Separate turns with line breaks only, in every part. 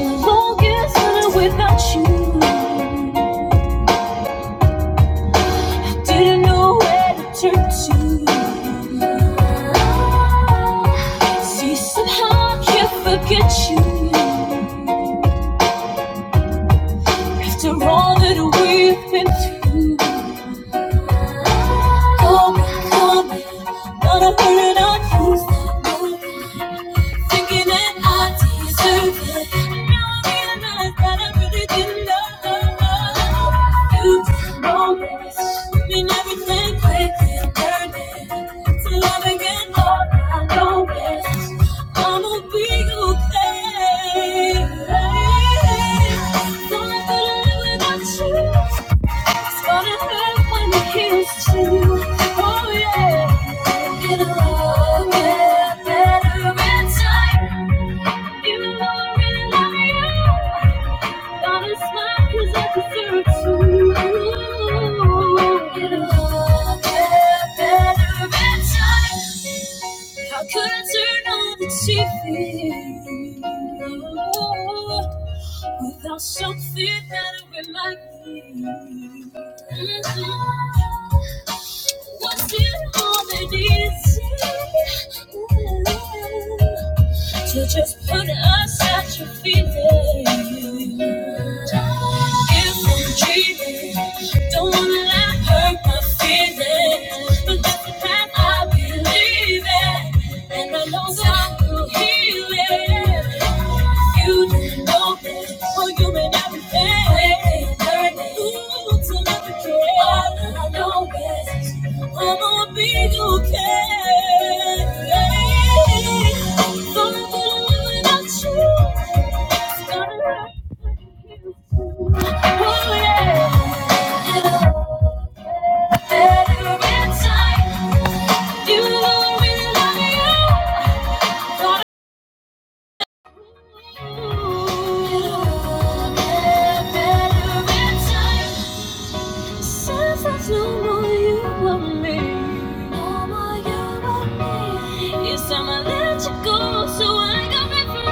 Longest without you. Didn't know where to turn to. See, somehow I can't forget you. After all that we've been through. Come, come, not a burden on you. Thinking that I deserve it. And now I'm realized that I really didn't know you. Always mean everything quickly and burning. To love again, all I know is I'ma be okay. Don't have to live without you. It's gonna hurt when it hits you. Oh yeah. It'll all get better in time. Even though I really love you, I gotta smile 'cause I deserve to. Get another better bedtime. How could I turn on the TV without something that'll remind me? Mm-hmm. What's it all that is? to just put us at your feet. If I'm dreaming, don't wanna let hurt my feelings, but that's the path I believe in, and I know God will heal it. You know this. Oh, you've everything. Waiting, learning. Ooh, to love the All I know is I'ma be okay. Don't let me live without you. It's gonna hurt when you. feel too. Oh yeah. And I- every time you know I really love you. Better in time. Since there's no more you and me, no more you and me. Yes, I'ma let you go so I can be free.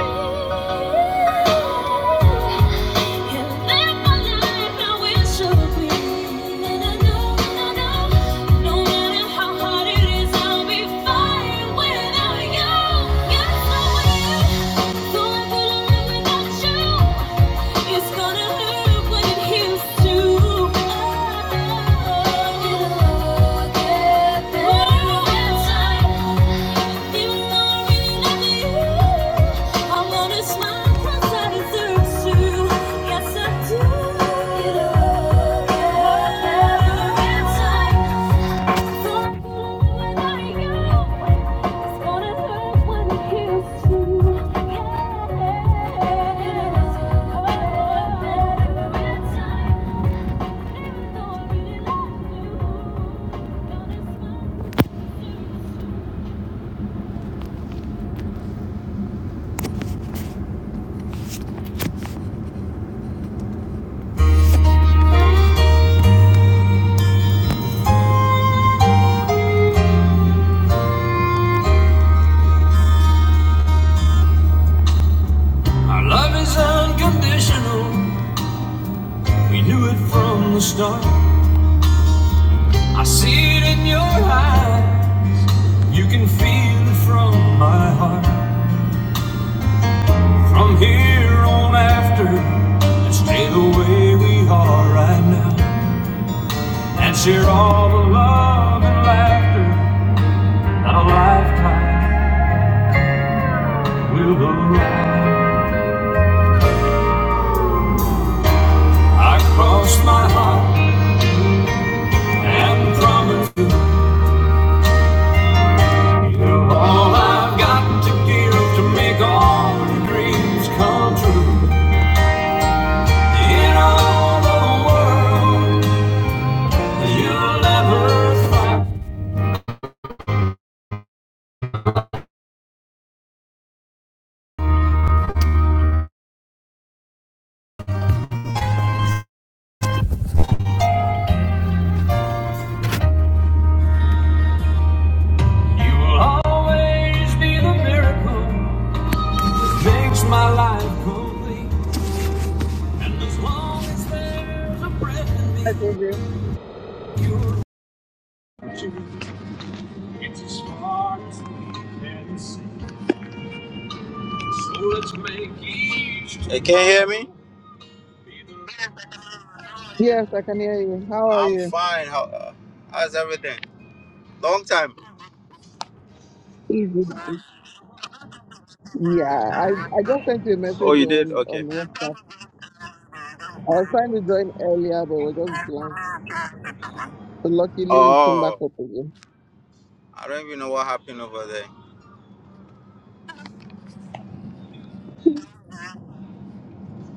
And live my life how it should be. and I know, I know, No matter how hard it is, I'll be fine without you. Yes, I will. Though I couldn't live without you. It's gonna hurt what it heals to. Oh, it'll get better. Even though I really love you, I wanna smile 'cause I deserve to. Yes, I do. It'll get better. Our love is unconditional. We knew it from the start. I see it in your eyes. You can feel it from my heart. From here on after, let's stay the way we are right now. And share all the love and laughter that a lifetime will allow. I cross my heart and promise you, you're all I've got to give to make all your dreams come true. In all the world, you'll ever find will always be the miracle. makes my life complete. And as long as there's a breath in me,
I told you.
you're It's as far as see. So let's make each. Hey, can you hear me?
Yes, I can hear you. How are
I'm
you?
fine. How, uh, how's everything? Long time.
Mhm. Yeah, I, I just sent you a
Oh,
message
you did?
on, on
Okay.
WhatsApp. I was trying to join earlier, but we're just blank. So luckily, it came back
Oh,
up again.
I don't even know what happened over there.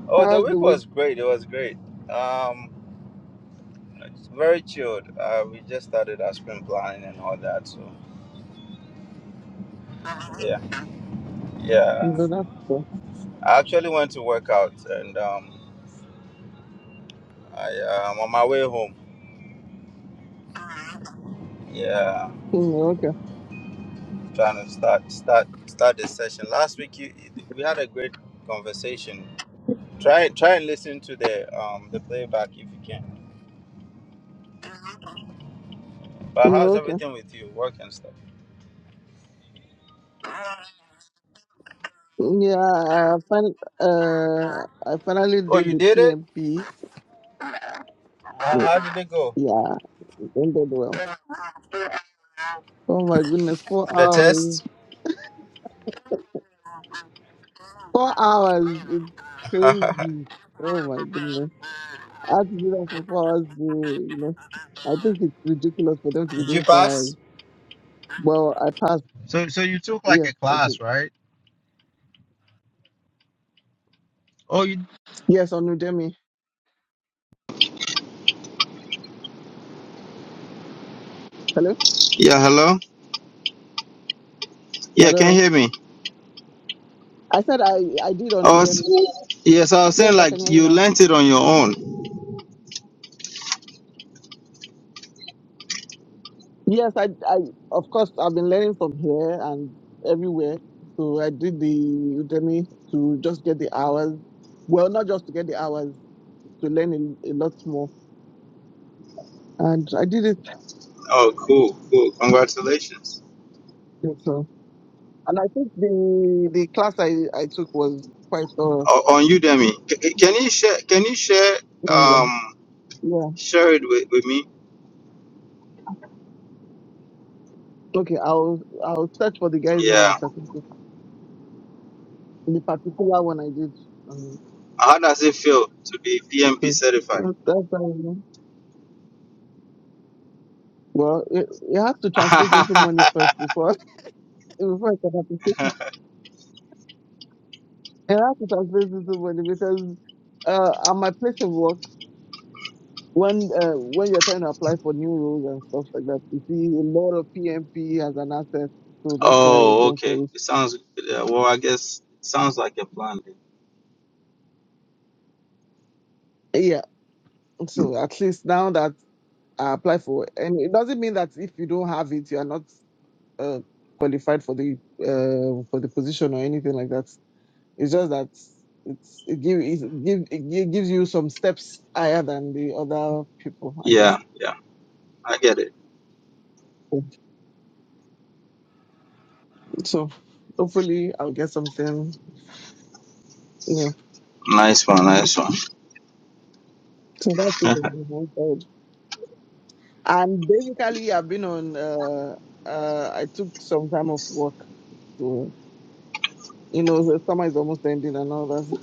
Oh, the
How's the
week
week?
was great. It was great. Um, it's very chilled. Uh, we just started our spring planning and all that. So, yeah.
No, that's good.
I actually went to work out and um, I, uh, I'm on my way home. Yeah,
Mm, okay.
I'm trying to start start start this session. Last week you, we had a great conversation. Try try and listen to the um, the playback if you can. But
No,
how's
okay.
everything with you, work and stuff?
Yeah, I, fin- uh, I finally
Oh,
did
you
the
did it.
PMP.
How,
Yeah,
how did it go?
yeah, it ended well. Oh my goodness, four
The
hours.
test.
Four hours. It's crazy. Oh my goodness. I had to do that for four hours. Day, you know, I think it's ridiculous for them to be
did you
doing four hours.
pass?
Well, I passed.
So so you took like
Yes,
a
I
class,
did.
right? Oh, you.
Yes, on Udemy. Hello,
Yeah. Hello. Yeah. Can you
hello.
hear me?
I said I I did
I
on
was.
Udemy.
yes. I was
Yes,
saying
I can
like
hear you
you
now.
learnt it on your own.
Yes, I I of course I've been learning from here and everywhere. So I did the Udemy to just get the hours. Well, not just to get the hours to learn a, a lot more. And I did it.
Oh, cool, cool. Congratulations.
So, and I think the the class I I took was quite thorough.
O- on you, Demi. C- can you share? Can you share? Um,
Yeah.
share it with, with me.
Okay. I'll I'll search for the guy's name on the
Yeah.
certificate. The particular one I did. Um,
How does it feel to be PMP
so
certified?
that- that's how I know. Well, it, it has to translate into money first before before I can appreciate. It It has to translate into money because uh, at my place of work, when uh, when you're trying to apply for new roles and stuff like that, you see a lot of PMP as an asset. So that's why I
oh,
go for
okay.
it.
It sounds yeah, well. I guess it sounds like a plan.
Yeah. So at least now that I apply for, and it doesn't mean that if you don't have it, you are not uh, qualified for the uh, for the position or anything like that. It's just that it's it give it give it gi- gives you some steps higher than the other people, I guess. So hopefully I'll get something new. So that's it
then.
on the whole side. And basically I've been on uh uh I took some time off work to you know the summer is almost ending and all that.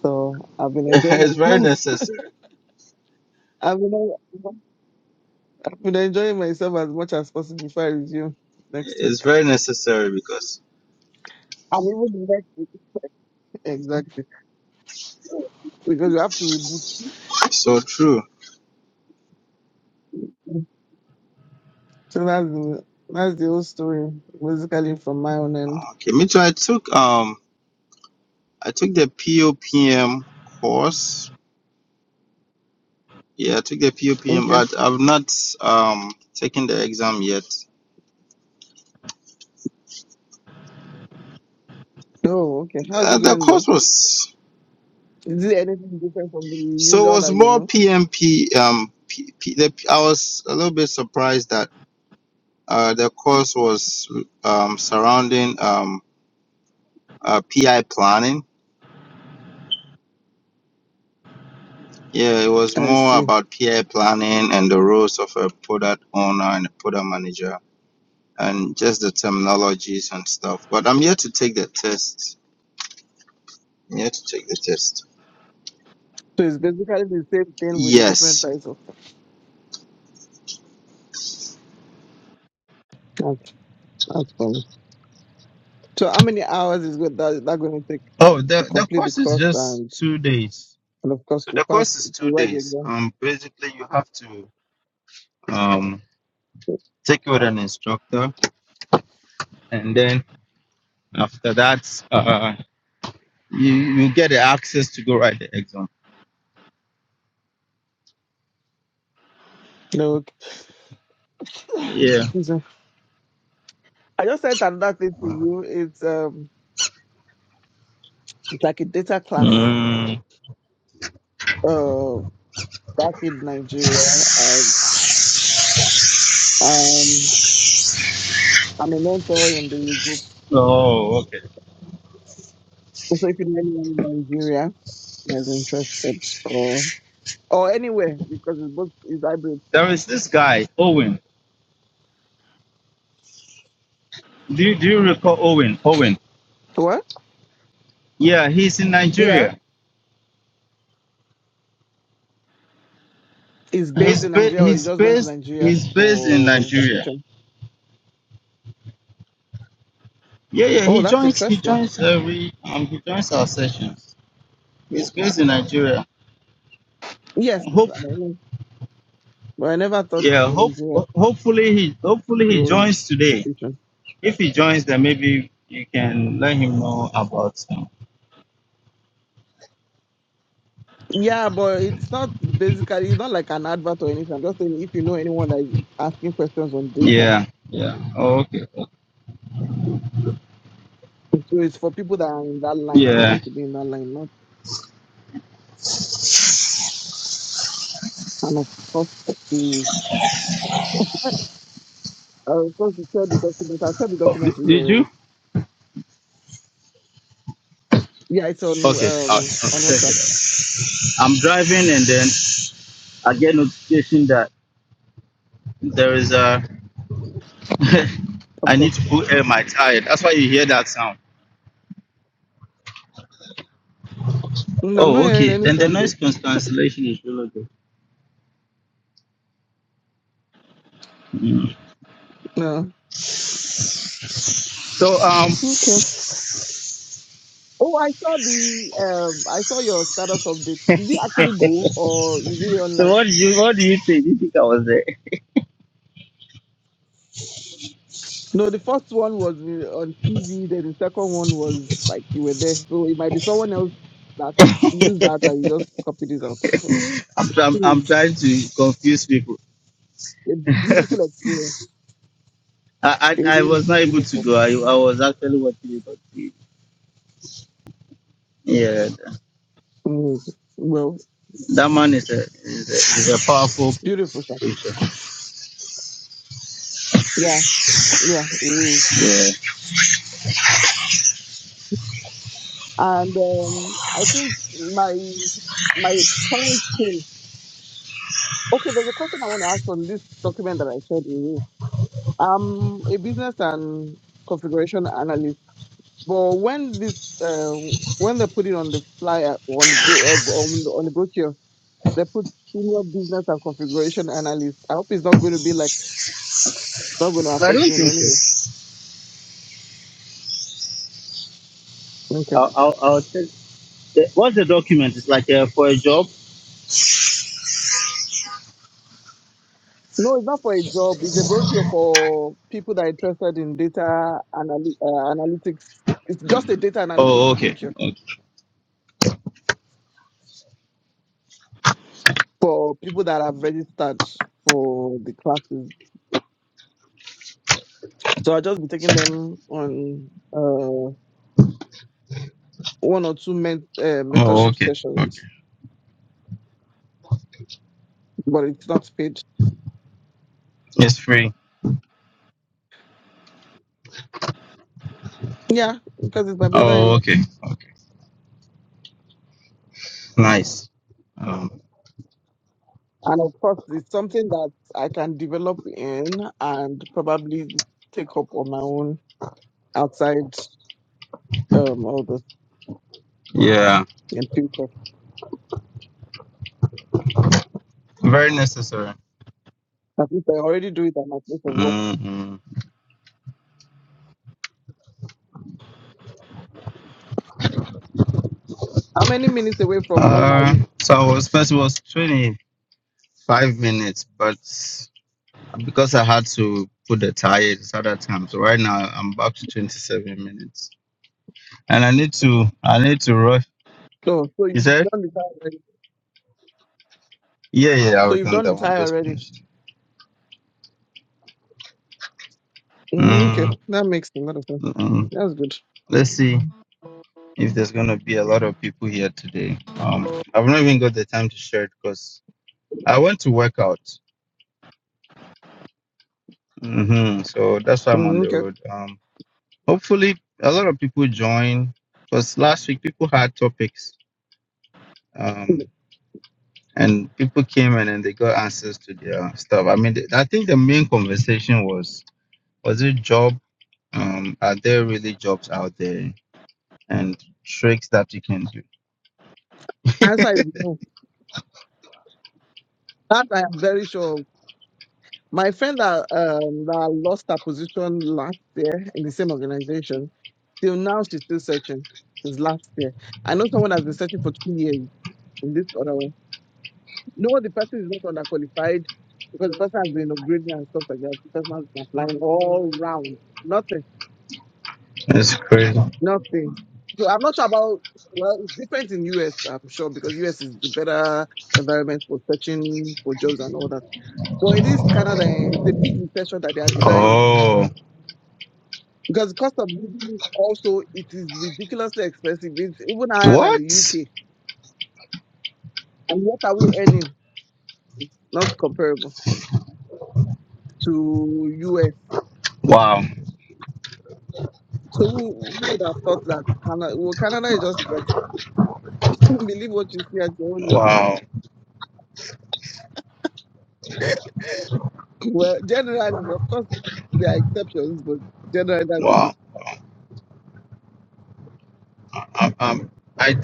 So I've been enjoying
it's very
myself.
necessary.
I've been been enjoying myself as much as possible before I resume next
It's
week.
very necessary because
And even the next week. Exactly. Because we have to reboot.
it's so true.
So that's the that's the whole story, basically from my own end.
Okay, me too. I took um, I took the POPM course Yeah, I took the POPM,
Okay.
but I've not um taken the exam yet.
Oh, okay. How's it
Uh, the
going
course
though?
was
Is it anything different from the
so it
usual
was
that you
more
know?
PMP. Um, P, P, the, I was a little bit surprised that uh the course was um surrounding um uh, PI planning. Yeah, it was
I
more
see.
about PI planning and the roles of a product owner and a product manager and just the terminologies and stuff. But I'm yet to take the test. I'm yet to take the test.
So it's basically the same thing with a
Yes.
different title. That's that's funny. So how many hours is good that that going to take
Oh,
to
the, the
complete the
course is
course
just
and
two days.
and of course
So
to
the
pass
course is
to
two
write the
days.
exam?
Um, basically you have to um take it with an instructor, and then after that, uh, you you get the access to go write the exam.
No. Okay.
Yeah.
Excuse me. I just sent another thing to you. It's um it's like a data class
Mm.
uh back in Nigeria and um I'm a mentor in the group.
Oh, okay.
So if you know anyone in Nigeria that's interested or or anywhere because it's both is hybrid.
There is this guy Owen. Do you, do you recall Owen? Owen.
What?
Yeah, he's in
Yeah.
Nigeria.
It's based
He's
in
ba-
Nigeria or it
he's
just went to
based
Nigeria
he's based in
for
Nigeria.
vacation.
Yeah, yeah. He
Oh that's
joins he
interesting.
joins every um he joins our sessions. He's based in Nigeria.
Yes.
Hope,
I don't know. But I never thought
yeah, hope,
Nigeria
hopefully he, hopefully
it
he
was
joins today.
vacation.
If he joins, then maybe you can let him know about. um,
Yeah, but it's not basically it's not like an advert or anything. I'm just saying if you know anyone that is asking questions on data.
Yeah, yeah. Oh, okay.
So it's for people that are in that line or
Yeah.
want to be in that line, not kind of forced to uh forced to share the document. I'll share the
Oh,
document with you
Did you?
already. Yeah, it's on
Okay. I'll, I'll
um on
check
WhatsApp.
it out. I'm driving, and then I get notification that there is a. I
Of course.
need to put air my tire. That's why you hear that sound.
Mm, I'm not
Oh,
hearing
okay.
any
Then the
sound
noise
though.
cancellation is really good.
No.
So, um,
Okay. Oh, I saw the um I saw your status update. Did you actually go or you did it
so
online?
what do you what do you think? You think I was there?
No, the first one was uh, on TV. Then the second one was like you were there, so it might be someone else that used that and you just copied it out. So,
I'm, I'm,
so
I'm
it's
trying to confuse people.
a
I,
beautiful experience.
I,
It
I
is
was not able to
beautiful.
go. I, I was actually watching it on TV. Yeah,
Mm. Well,
that man
it's
is a, is a, is a powerful.
beautiful, sir. Yeah, yeah, it is.
Yeah.
And um, I think my my current thing. Okay, there's a question I want to ask on this document that I shared with you. I'm a business and configuration analyst But when this, uh, when they put it on the flyer on the bro- uh, on, the, on the brochure, they put senior business and configuration analyst. I hope it's not going to be like not going to
I
affect
don't
me in
think
any way.
so.
Okay.
I'll, I'll, I'll check. the- What's the document? It's like uh, for a job.
No, it's not for a job. It's a brochure for people that are interested in data anal- uh, analytics. It's just a data analytics
Oh, okay.
brochure
okay.
for people that have registered for the classes. So I'll just be taking them on uh, one or two men- uh,
Oh,
mentorship
okay. Okay.
sessions, but it's not paid.
It's free.
Yeah, because it's my
Oh,
brother-in-law,
okay. Okay. Nice. Um,
and of course, it's something that I can develop in and probably take up on my own outside um all the
yeah.
in future.
Very necessary.
At least I already do it at my place of work.
Mm-hmm.
How many minutes away from home are
Uh,
you?
so I was first was 20. five minutes, but because I had to put the tires at that time, so right now I'm back to 27 minutes, and I need to I need to rush.
Oh, so you've
You said?
done the tie already.
Yeah, yeah, I
So
was
you've
done
done
that
the
one. I
tie
just
already.
finished.
Mm, okay,
Mm,
that makes a lot of sense.
mm.
That's good.
Let's see if there's gonna be a lot of people here today. Um, I've not even got the time to share it because I went to work out. hmm So that's why I'm on
Mm,
the
okay,
road. Um, hopefully a lot of people join because last week people had topics. Um. and people came in and they got answers to their stuff. I mean, the- I think the main conversation was was it job? Um, are there really jobs out there and tricks that you can do?
answer is no. That I am very sure. of. My friend that um that lost her position last year in the same organization Till now, she's still searching since last year. I know someone has been searching for two years in this other one. No, the person is not underqualified because the person has been upgrading and stuff like that. The person has been applying all round. Nothing,
It's crazy.
nothing. So I'm not sure about, well, it's different in US, I'm sure, because US is the better environment for searching for jobs and all that. But in this Canada, eh, it's a big recession that they are denying
Oh,
because the cost of living also, it is ridiculously expensive. It's even higher than the
what?
UK. And what are we earning? not comparable to US.
Wow,
So who, who would have thought that Canada, well, Canada is just like believe what you see as your own.
wow,
Well, generally, of course, there are exceptions, but generally that's the case.
wow. Um, I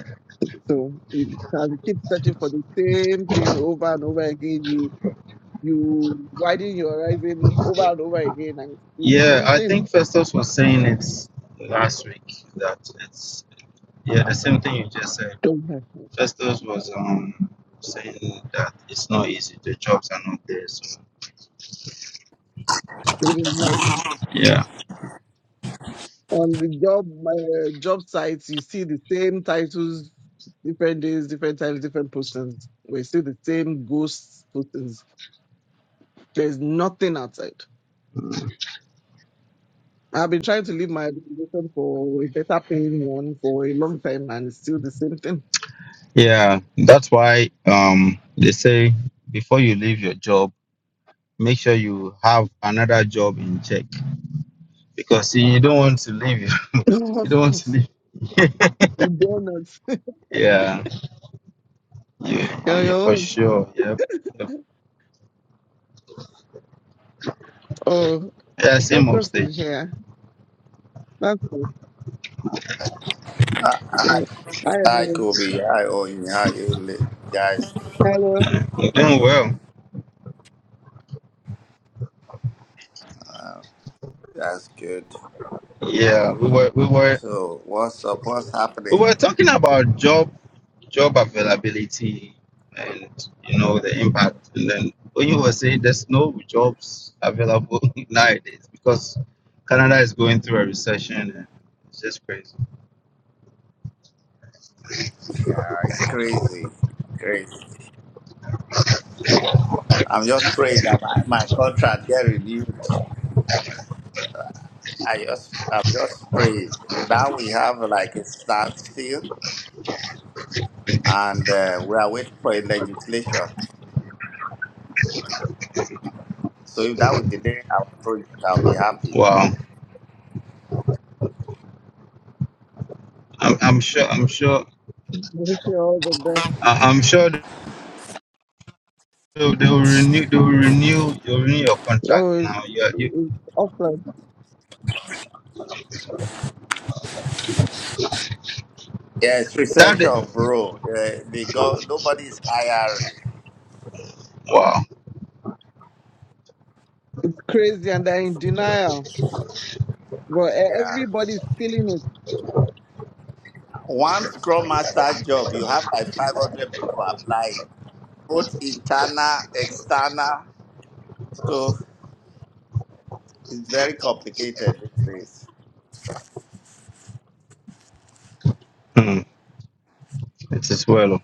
So you can keep searching for the same thing over and over again. You you widen your horizon over and over again and see the
yeah,
same
I think Festus was saying it last week that it's yeah the same thing you just said.
thing.
Festus was um saying that it's not easy. The jobs are not there. So yeah.
on the job my uh, job sites you see the same titles different days different times different postings we see the same ghost postings there's nothing outside i've been trying to leave my organization for a better paying one for a long time and it's still the same thing
Yeah, that's why um they say before you leave your job, make sure you have another job in check because you don't want to leave.
no
You
of
don't want to
course
leave.
donuts
Yeah, you,
Yo,
you for
yo.
sure. Yep. yep.
oh
Yeah, same
festus is
upstage.
here that's cool
Hi,
Oh, hi everyone
Kobe. Hi, Oyin. How you li- guys?
hello
You're doing well.
That's good.
Yeah, we were we were
So, what's up? What's
We
happening?
were talking about job job availability and you know the impact. And then when you were saying there's no jobs available nowadays because Canada is going through a recession and it's just crazy.
Yeah, it's crazy. Crazy. I'm just praying that my, my contract get renewed. I just, I'm just praying. Now we have like a standstill, and uh, we are waiting for a legislation. So if that would delay our project, I'll be happy.
Wow. I'm, I'm sure I'm sure
wish you all the best
I- I'm sure they'll, they'll renew they'll renew you'll renew your contract
oh it's,
now. Yeah you
it's awful.
Yeah, it's
that
recession,
is-
bro. Uh, they go. Nobody's hiring.
wow.
It's crazy and they're in denial Well, e-
Yeah.
everybody's feeling
One Scrum Master job, you have like 500 people applying, both internal, external. So it's very complicated these days.
It is well.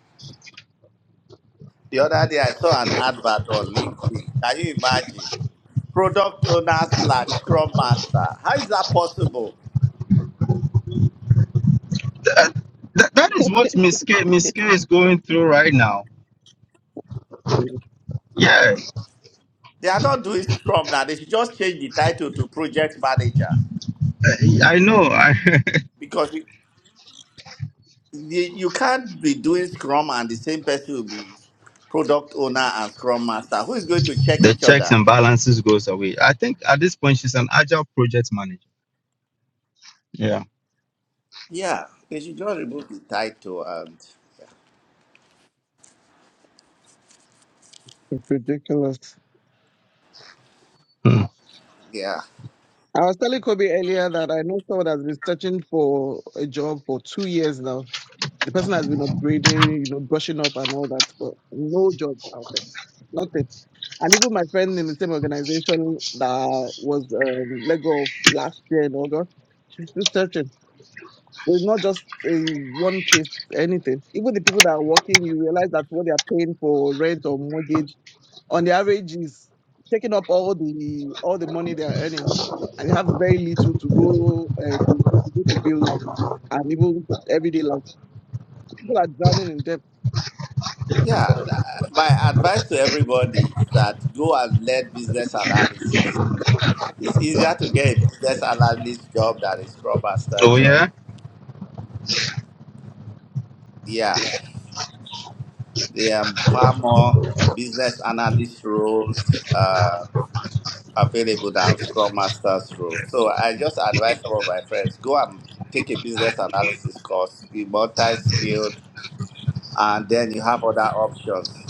The other day, I saw an advert on LinkedIn. Can you imagine? Product owner slash Scrum Master. How is that possible?
That, that is what Miss K Miss K is going through right now.
it.
Yeah,
They are not doing Scrum now. They should just change the title to Project Manager
I know. I
because you, you you can't be doing Scrum and the same person will be product owner and Scrum Master. Who is going to check
the
each
checks
other?
and balances goes away. I think at this point she's an agile project manager. Yeah.
Yeah, they should just remove the title and
It's ridiculous.
yeah.
I was telling Kobe earlier that I know someone has been searching for a job for two years now. The person has been upgrading, you know, brushing up and all that, but no job out there, nothing. And even my friend in the same organization that was um, let go of last year in August, she's still searching. So it's not just a one case, anything. Even the people that are working, you realize that what they are paying for rent or mortgage on the average is taking up all the all the money they are earning and they have very little to go uh, to, to go to bills and even everyday life. People are drowning in debt.
Yeah, uh, my advice to everybody is that go and learn business analysis. It's easier to get a business analyst job than a scrum master
Oh
job.
yeah,
Yeah, there are far more business analyst roles uh, available than scrum master's roles. So I just advise some of my friends go and take a business analysis course, be multi skilled, and then you have other options.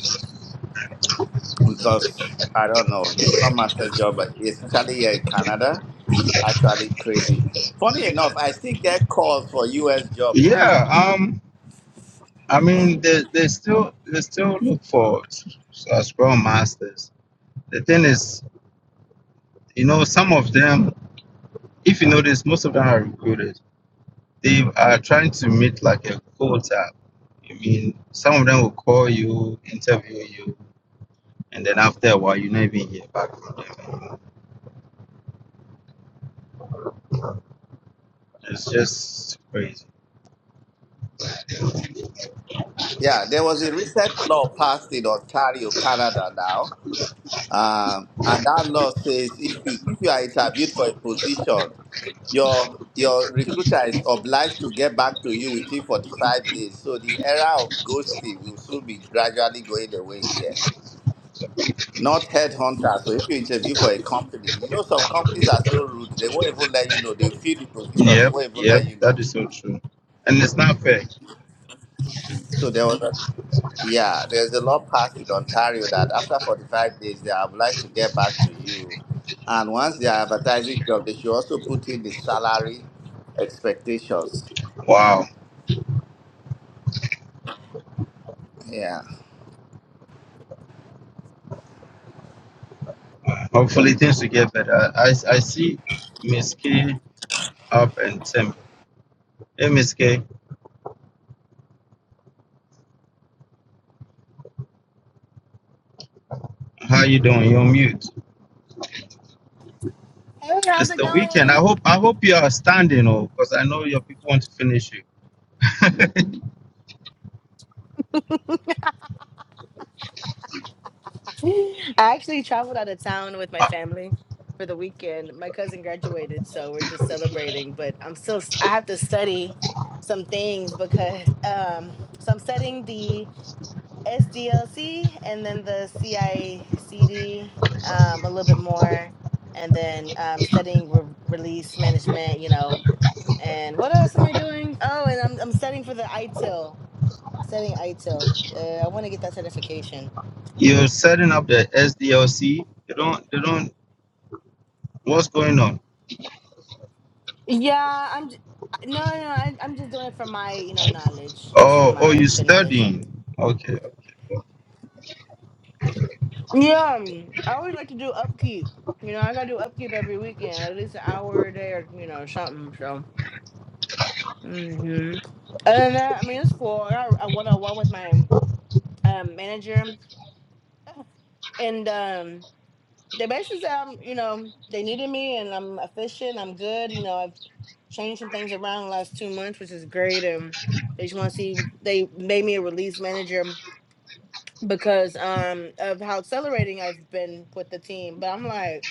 because I don't know the scrum master job, especially here in Canada, actually crazy. Funny enough, I still get calls for U.S. jobs.
yeah.
Google.
Um, I mean they, they still they still look for s- s- scrum masters. The thing is, you know, some of them, if you notice, most of them are recruited. They are trying to meet like a quota. I mean, some of them will call you, interview you, and then after a while, you're not even here. But It's just crazy.
Yeah, there was a recent law passed in Ontario, Canada now, um, and that law says if you if you are interviewed for a position, your your recruiter is obliged to get back to you within 45 days. So the era of ghosting will soon be gradually going away here. Not headhunter. So if you interview for a company, you know some companies are so rude. They won't even let you know. They feel the position. They
Yep,
won't even
yep,
let you
that
know.
is so true, and it's not fair.
So there was, a, yeah, there's a law passed in Ontario that after 45 days they are obliged to get back to you, and once they are advertising job, they should also put in the salary expectations.
Wow.
Yeah.
Hopefully things will get better. I, I see Miss K up and Tim. Hey Miss K, how you doing? You're on mute.
Hey, how's
It's
it
the weekend. I
going?
hope I hope you are standing oh, because I know your people want to finish you.
I actually traveled out of town with my family for the weekend. My cousin graduated, so we're just celebrating, but I'm still s- I have to study some things because um so I'm studying the SDLC and then the CICD um a little bit more and then um studying re- release management, you know. And what else am I doing? Oh, and I'm I'm studying for the ITIL, studying ITIL. Uh, I want to get that certification.
You're setting up the SDLC. They don't they don't what's going on?
Yeah, I'm. j- No, no, no, I, I'm just doing it for my, you know, knowledge, just for
Oh oh
my
you
extra knowledge.
studying. Okay.
Yeah, um, I always like to do upkeep. You know, I gotta do upkeep every weekend, like at least an hour a day or you know something. So, hmm other than that, I mean, it's cool. I got a one on one with my um manager, and um, they basically said, um, you know, they needed me, and I'm efficient. I'm good. You know, I've changed some things around the last two months, which is great, and. They just want to see. They made me a release manager because um of how accelerating I've been with the team. But I'm like,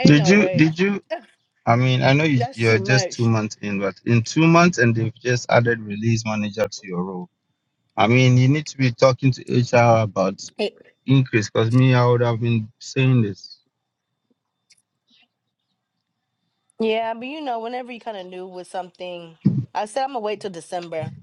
ain't
Did
no
you
way.
did you I mean I know you,
That's too
you're just two
much.
months in, but in two months and they've just added release manager to your role. I mean you need to be talking to HR about
It-
increase because me i would have been saying this
yeah, but you know, whenever you kind of knew with something, I said I'm gonna wait till December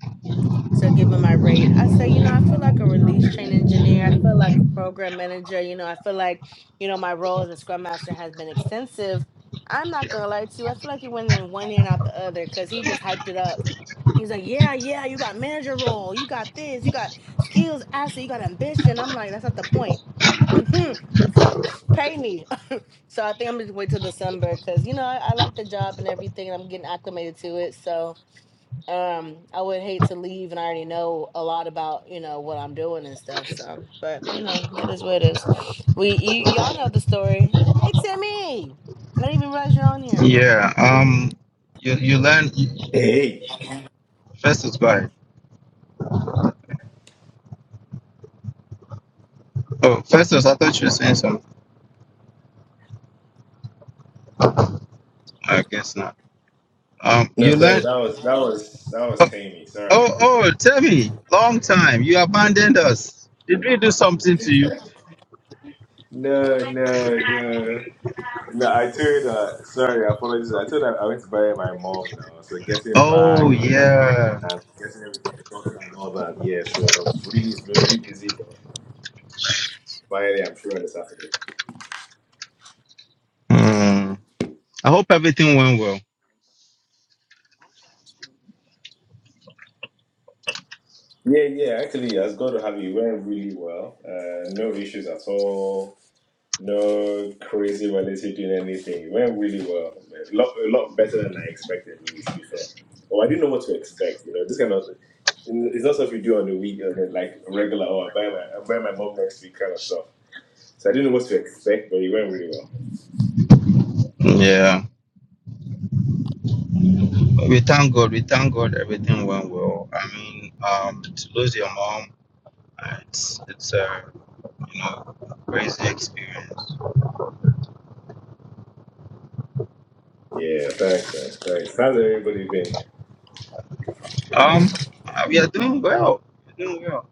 to give him my rate. I say, you know, I feel like a release train engineer. I feel like a program manager. You know, I feel like, you know, my role as a scrum master has been extensive. I'm not gonna lie to you. I feel like he went in one ear and out the other because he just hyped it up. He's like, yeah, yeah, you got manager role, you got this, you got skills, asset, you got ambition. I'm like, that's not the point. Pay me. so I think I'm just wait till December because you know I, I like the job and everything. and I'm getting acclimated to it. So um i would hate to leave and i already know a lot about you know what i'm doing and stuff so but you know it is what it is we you y'all know the story hey timmy i didn't even realize you're on here
Yeah. Um. You you learn
Hey,
Festus. Go ahead. Oh, Festus. I thought you were saying something. I guess not. Um.
no,
You
sorry,
learn.
that was that was that was
Oh,
Tammy. Sorry about
oh.
that.
Oh. Tell me. Long time. You abandoned us. Did we do something to you?
No, no, no, no. I told uh, sorry, apologies. I told her I went to buy my mom now, so getting
Oh
back
yeah.
and getting everything sorted and all that. Yeah, so really, it's been really busy. But finally, I'm sure this afternoon.
Hmm. I hope everything went well.
Yeah, yeah. Actually, as God to have you, it went really well. Uh, no issues at all. No crazy validity in anything. It went really well. man. A lot, a lot better than I expected, really, to be fair. Or I didn't know what to expect. You know, this kind of it's not stuff you do on the week, and like regular. Oh, I buy my, I buy my mom next week, kind of stuff. So I didn't know what to expect, but it went really well.
Yeah. We thank God. We thank God. Everything went well. I mean, um, to lose your mom, it's it's a you know crazy experience.
Yeah, thanks, man. Thanks. How's everybody been?
Um, uh, we are doing well. We're doing well.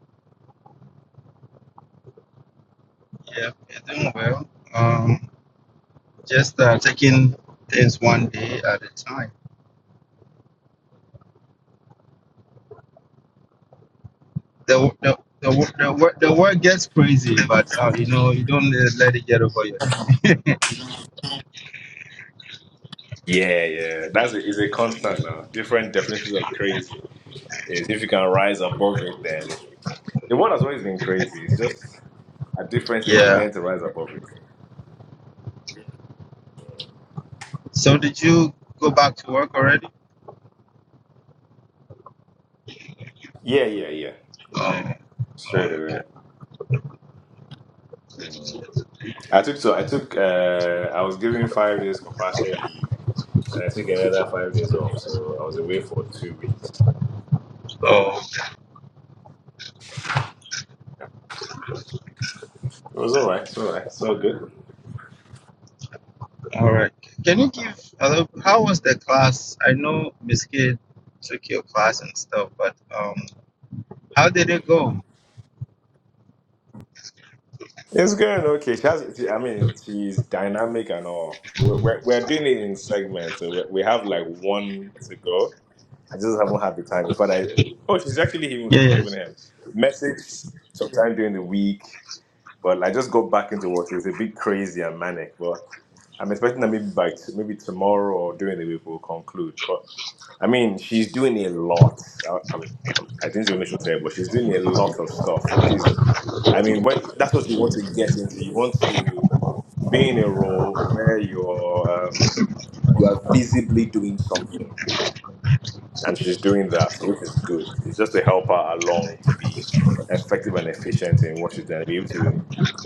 Yeah, we're doing well. Um, just uh, taking things one day at a time. The the the wo- the, wo- the world gets crazy, but uh, you know you don't let let it get over your head.
Yeah, yeah. That's a, it's a constant now. Different definitions of crazy. Is if you can rise above it, then the world has always been crazy. It's just at different stages,
Yeah.
learn to rise above it.
So did you go back to work already?
Yeah, yeah, yeah, yeah. Straight away. Mm. I took so I took uh I was given five days compassionate leave and I took another five days off, so I was away for two weeks.
Oh,
It was alright, it's alright, it's all good.
all right. Can you give a little, how was the class? I know Miss Kid took your class and stuff, but um, how did it go?
It's going okay. She has, she- I mean, she's dynamic and all. We're, we're, we're doing it in segments, so we we have like one to go. I just haven't had the time. In fact, I oh, she's actually even given
Yes.
him message sometime during the week. But I just go back into what is a bit crazy and manic. But I'm expecting that maybe by t- maybe tomorrow or during the week we'll conclude. But I mean, she's doing a lot. I, I'm, I'm, I didn't even know she but she's doing a lot of stuff, which is, I mean, when, that's what you want to get into. You want to be in a role where you're um, you are visibly doing something and she's doing that, which is good. It's just to help her along to be effective and efficient in what she's doing, be able to,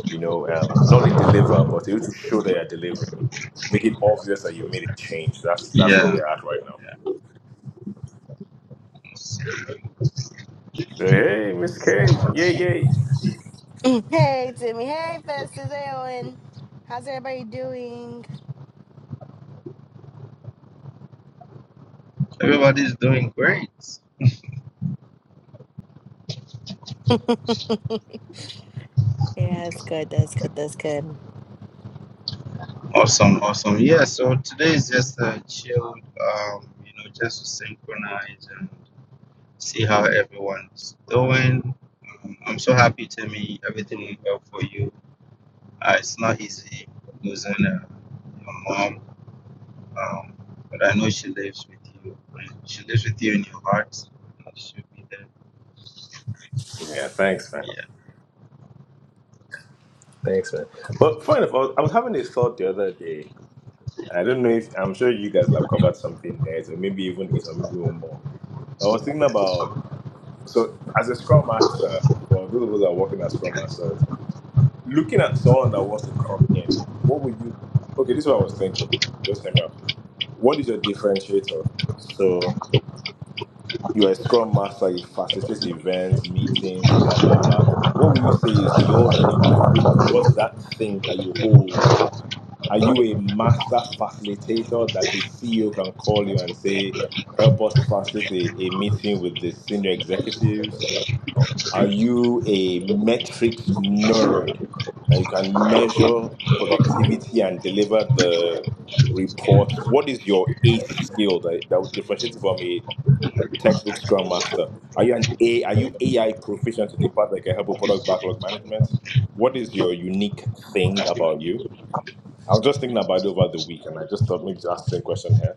you know, um, not only deliver but able to show that you're delivering, make it obvious that you made a change. That's that's where
Yeah.
we're at right now. So hey, Miss K, yay yay,
hey timmy hey festus hey owen how's everybody doing
Everybody's doing great.
yeah that's good that's good that's good
Awesome, awesome. Yeah, so today is just a chill, um, you know, just to synchronize and see how everyone's doing. Um, I'm so happy, Timmy. Everything went well for you. Uh, it's not easy losing uh, your mom, um, but I know she lives with you. and She lives with you in your heart. and She'll be there.
yeah, thanks man,
Yeah.
thanks man. But funny enough, I was, I was having this thought the other day. I don't know if I'm sure you guys will have covered something there, or maybe even it, or maybe even more. I was thinking about So as a scrum master, for those of us that are working as scrum masters, looking at someone that wants to come in, what would you okay, this is what I was thinking. Just hear me out. What is your differentiator? So you're a scrum master, you facilitate events, meetings, blah blah blah. What would you say is your unique differentiator? What's that thing that you hold? Are you a master facilitator that the CEO can call you and say, help us facilitate a, a meeting with the senior executives? Are you a metrics nerd that you can measure productivity and deliver the report? What is your ACE skill that, that would differentiate you from a textbook scrum master? Are you an A are you AI proficient to the part that can help with product backlog management? What is your unique thing about you? I was just thinking about it over the week and I just thought maybe to ask the same question here.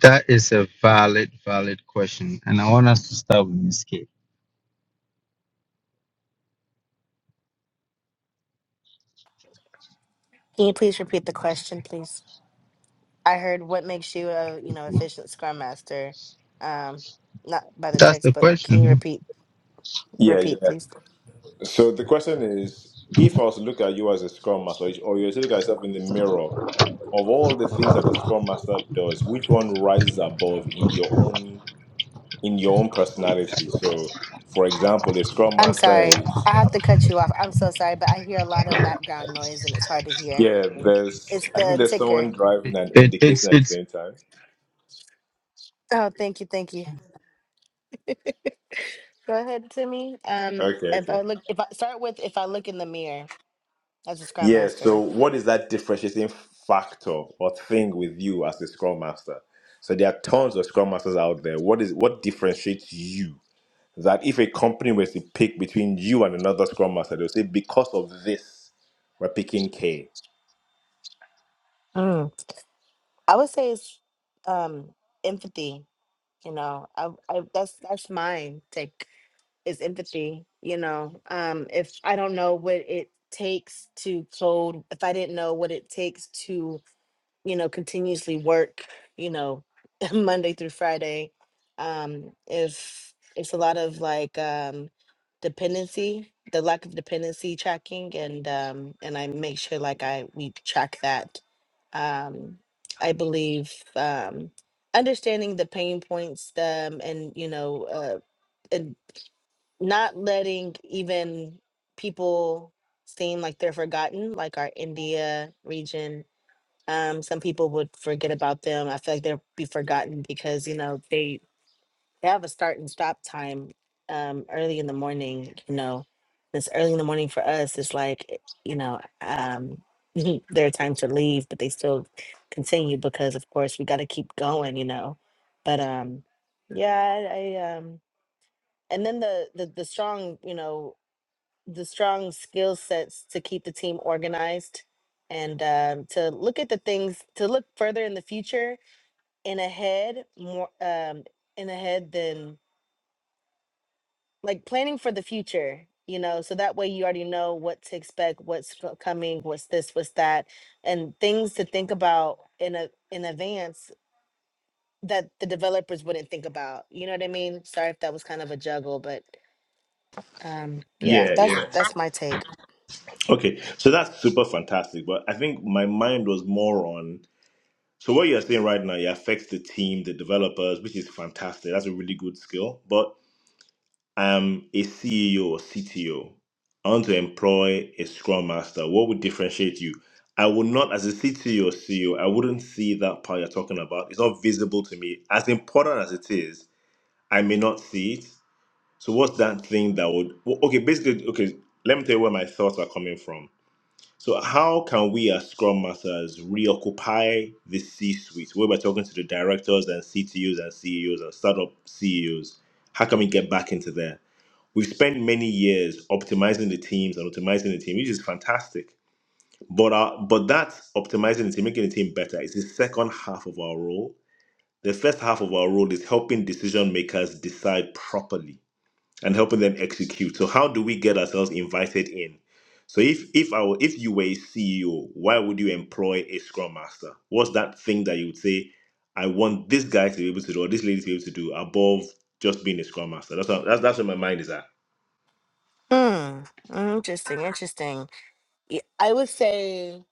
That is a valid, valid question, and I want us to start with Miss Kate.
can you please repeat the question please i heard what makes you a you know efficient scrum master um not by the
That's the
textbook can you
question.
repeat
Yeah,
repeat
yeah.
please
So the question is, if I was to look at you as a scrum master, or you were to look at yourself in the mirror, of all the things that a scrum master does, which one rises above in your own in your own personality? So, for example, a scrum
I'm
master
sorry.
is
I have to cut you off. I'm so sorry, but I hear a lot of background noise and it's hard to hear.
yeah. There's
It's
I think
the
there's
ticker.
someone
huh?
driving and
It, it's
indicating at the
it's
same time.
Oh, thank you, thank you. Go ahead, Timmy. Um,
Okay,
if
okay.
I look, if I start with, if I look in the mirror as a scrum
Yeah.
master,
So, what is that differentiating factor or thing with you as a scrum master? So, there are tons of scrum masters out there. What is what differentiates you? that if a company was to pick between you and another scrum master, they'll say, because of this, we're picking K.
Mm. I would say it's um empathy. You know, I, I that's that's my take is empathy. You know, um, if I don't know what it takes to code, if I didn't know what it takes to you know, continuously work, you know, Monday through Friday. Um, if it's a lot of like um dependency, the lack of dependency tracking and um and I make sure like I we track that. Um I believe um understanding the pain points um and you know uh and not letting even people seem like they're forgotten, like our India region um, some people would forget about them. I feel like they'll be forgotten because, you know, they, they have a start and stop time um, early in the morning, you know. It's early in the morning for us. It's like, eh, you know, um, their time to leave, but they still continue because, of course, we got to keep going, you know. But um, yeah, I, I um, and then the, the the strong, you know, the strong skill sets to keep the team organized and um, to look at the things to look further in the future and ahead more um, in ahead than like planning for the future you know so that way you already know what to expect what's co- coming what's this what's that and things to think about in a in advance that the developers wouldn't think about you know what i mean sorry if that was kind of a juggle but um yeah
Yeah,
that's
yeah.
that's my take
Okay, so that's super fantastic. But I think my mind was more on so what you're saying right now, it affects the team, the developers, which is fantastic. That's a really good skill. But I'm a CEO or CTO. I want to employ a Scrum Master. What would differentiate you? I would not, as a CTO or CEO, I wouldn't see that part you're talking about. It's not visible to me. As important as it is, I may not see it. So what's that thing that would well, okay, basically okay, let me tell you where my thoughts are coming from. So how can we as Scrum Masters reoccupy the C suite? We were talking to the directors and CTOs and CEOs and startup CEOs. How can we get back into there? We've spent many years optimizing the teams and optimizing the team, which is fantastic. But our, but that optimizing the team, making the team better is the second half of our role. The first half of our role is helping decision makers decide properly and helping them execute. So how do we get ourselves invited in? So if if I were, if you were a CEO, why would you employ a scrum master? What's that thing that you would say, I want this guy to be able to do or this lady to be able to do above just being a scrum master? That's how, that's that's where my mind is at.
hmm interesting interesting Yeah, I would say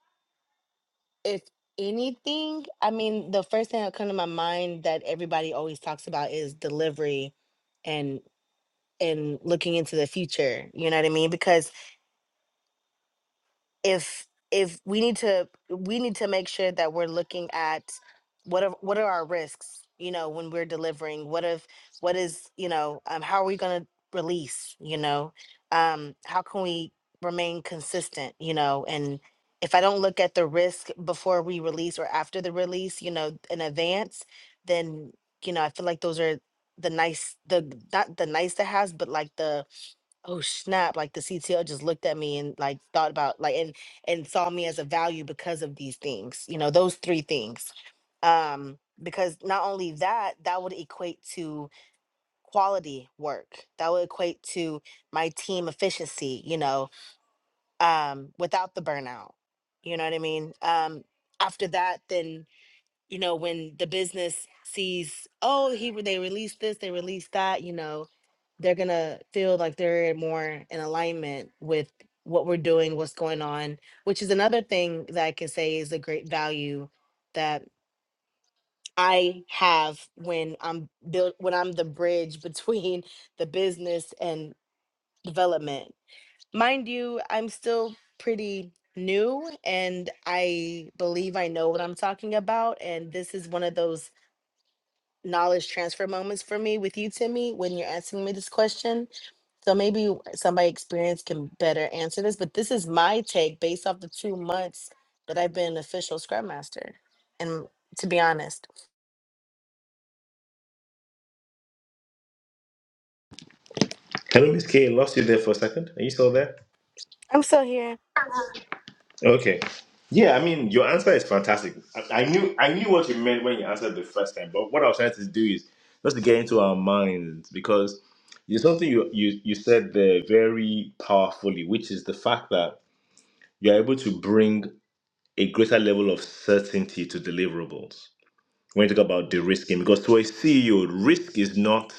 if anything, I mean, the first thing that come to my mind that everybody always talks about is delivery and and looking into the future. You know what I mean? Because if if we need to we need to make sure that we're looking at what are what are our risks you know when we're delivering what if what is you know um, how are we going to release you know um how can we remain consistent you know and if i don't look at the risk before we release or after the release you know in advance then you know i feel like those are the nice the not the nice to has but like the oh snap like the CTO just looked at me and like thought about like and and saw me as a value because of these things you know those three things um because not only that that would equate to quality work that would equate to my team efficiency you know um without the burnout you know what i mean um after that then you know, when the business sees, oh, he re- they released this, they released that, you know, they're gonna feel like they're more in alignment with what we're doing, what's going on, which is another thing that I can say is a great value that I have when I'm built when I'm the bridge between the business and development. Mind you, I'm still pretty new and I believe I know what I'm talking about. And this is one of those knowledge transfer moments for me with you, Timmy, when you're asking me this question. So maybe somebody experienced can better answer this, but this is my take based off the two months that I've been an official Scrum Master. And to be honest,
Hello, Miss K, I lost you there for a second. Are you still there?
I'm still here.
Okay. Yeah, I mean, your answer is fantastic. I, I knew I knew what you meant when you answered the first time, but what I was trying to do is just to get into our minds because there's something you, you you said there very powerfully, which is the fact that you're able to bring a greater level of certainty to deliverables when you talk about de-risking. Because to a CEO, risk is not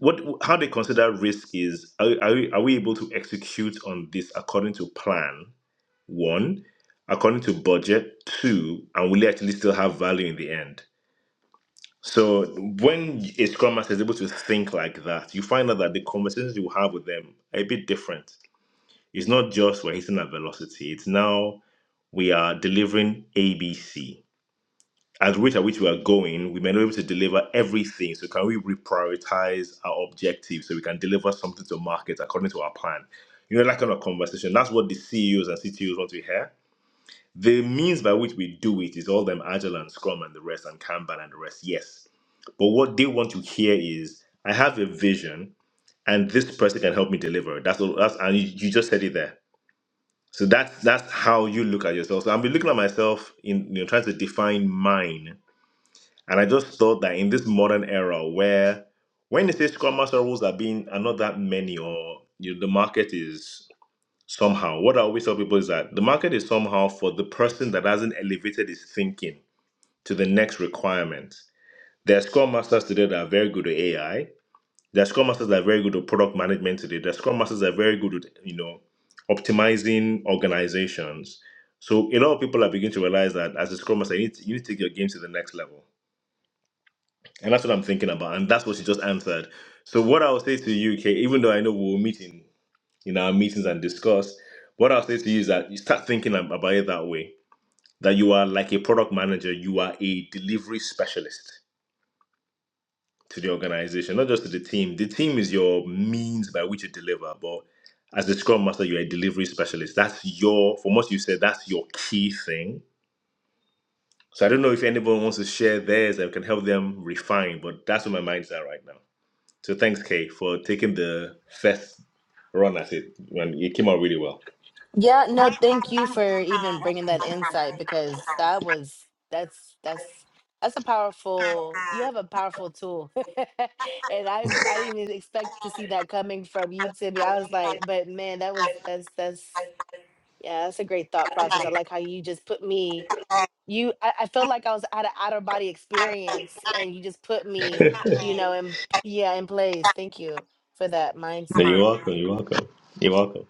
what how they consider risk is are, are, we, are we able to execute on this according to plan one, according to budget. Two, and will it actually still have value in the end? So when a scrum master is able to think like that, you find out that the conversations you have with them are a bit different. It's not just we're hitting at velocity. It's now we are delivering ABC. At the rate at which we are going, we may not be able to deliver everything. So can we reprioritize our objectives so we can deliver something to market according to our plan? You know, that kind of conversation. That's what the CEOs and CTOs want to hear The means by which we do it is all them Agile and Scrum and the rest and Kanban and the rest, yes. But what they want to hear is, I have a vision and this person can help me deliver. it." That's all that's and you, you just said it there. So that's that's how you look at yourself. So I've been looking at myself in you know trying to define mine. And I just thought that in this modern era where when they say Scrum Master rules are being are not that many or you know, the market is somehow. What I always tell people is that the market is somehow for the person that hasn't elevated his thinking to the next requirement. There are scrum masters today that are very good at AI. There are scrum masters that are very good at product management today. There are scrum masters that are very good at, you know, optimizing organizations. So a lot of people are beginning to realize that as a scrum master, you need to, you need to take your game to the next level. And that's what I'm thinking about. And that's what she just answered. So what I would say to you, Kay, even though I know we'll meet in in our meetings and discuss. What I'll say to you is that you start thinking ab- about it that way that you are like a product manager, you are a delivery specialist to the organization, not just to the team. The team is your means by which you deliver, but as a scrum master, you're a delivery specialist. That's your, from what you said, that's your key thing. So I don't know if anyone wants to share theirs that can help them refine, but that's where my mind's at right now. So thanks, Kay, for taking the first run at it when it came out really well.
yeah,
No,
no, thank you for even bringing that insight because that was that's that's that's a powerful. You have a powerful tool, and I I didn't even expect to see that coming from you, Timmy. I was like, but man, that was that's that's. Yeah, that's a great thought process. I like how you just put me, you, I, I felt like I was at an out of body experience and you just put me, you know, in, yeah, in place. Thank you for that
you're
mindset.
welcome. You're welcome. You're welcome.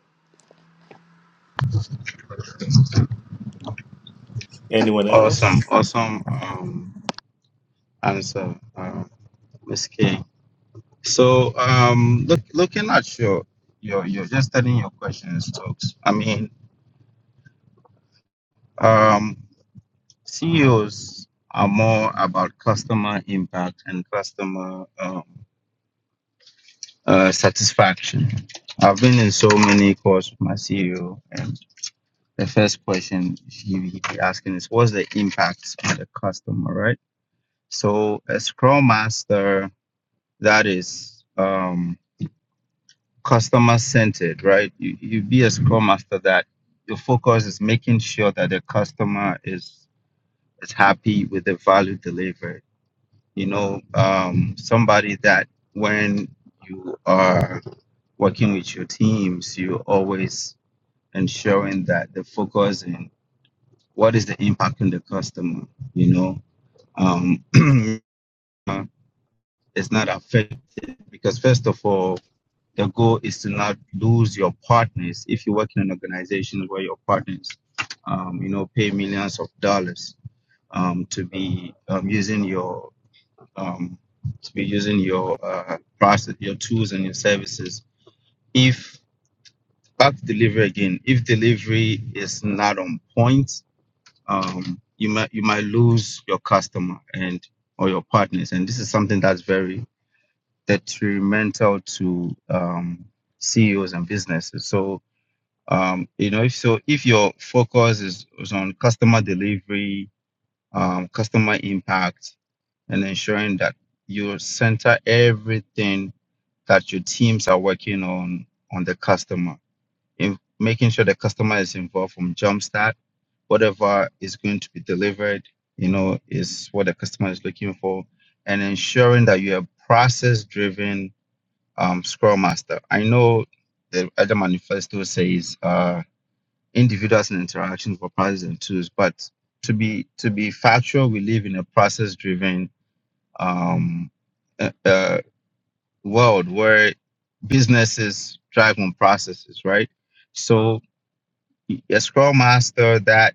Anyone else?
Awesome, awesome um, answer, uh, Ms. K. So, um, look, looking at your your your just studying your questions, talks. I mean, um, CEOs are more about customer impact and customer um, uh, satisfaction. I've been in so many calls with my CEO, and the first question he be asking is, "What's the impact on the customer?" Right. So, a Scrum Master that is. Um, customer centered, right? You, you be a scrum master that your focus is making sure that the customer is is happy with the value delivered. You know, um, somebody that when you are working with your teams, you're always ensuring that the focus in what is the impact on the customer. You know, um, it's not affected because first of all, the goal is to not lose your partners if you work in an organization where your partners um, you know pay millions of dollars um, to be um, using your um, to be using your uh, process your tools and your services if back to delivery again if delivery is not on point um, you might you might lose your customer and or your partners and this is something that's very detrimental to um, CEOs and businesses. So um, you know if so if your focus is, is on customer delivery um, customer impact and ensuring that you center everything that your teams are working on on the customer in making sure the customer is involved from jumpstart whatever is going to be delivered you know is what the customer is looking for and ensuring that you are process driven um, scrum master i know the other manifesto says uh, individuals and interactions for processes and tools. But to be to be factual, we live in a process-driven um, uh, uh, world where businesses drive on processes, right? So a scrum master that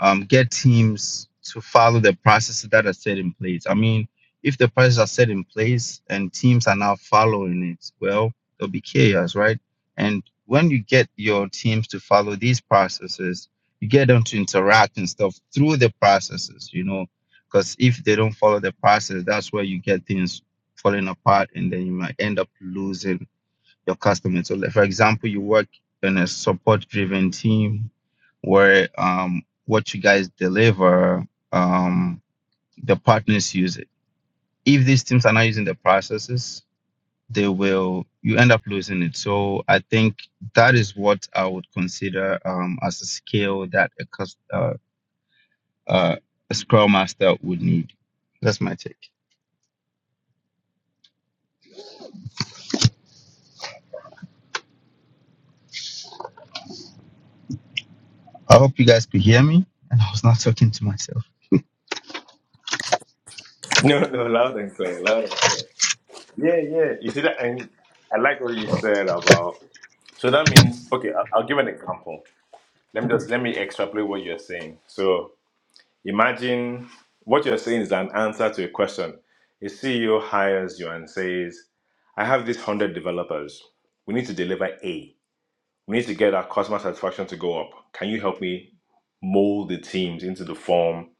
um, get teams to follow the processes that are set in place. I mean, if the processes are set in place and teams are now following it, well, there'll be chaos, right? And when you get your teams to follow these processes, you get them to interact and stuff through the processes, you know, because if they don't follow the process, that's where you get things falling apart and then you might end up losing your customers. So, like, for example, you work in a support driven team where um, what you guys deliver, um, the partners use it. If these teams are not using the processes, they will you end up losing it. So I think that is what I would consider um, as a skill that a, cus- uh, uh, a scrum master would need. That's my take. I hope you guys could hear me, and I was not talking to myself.
No, no, loud and clear, loud and clear. Yeah, yeah. You see that, and I like what you said about. So that means, okay, I'll, I'll give an example. Let me just let me extrapolate what you're saying. So Imagine what you're saying is an answer to a question. A CEO hires you and says, I have these 100 developers. We need to deliver A. We need to get our customer satisfaction to go up. Can you help me mold the teams into the form,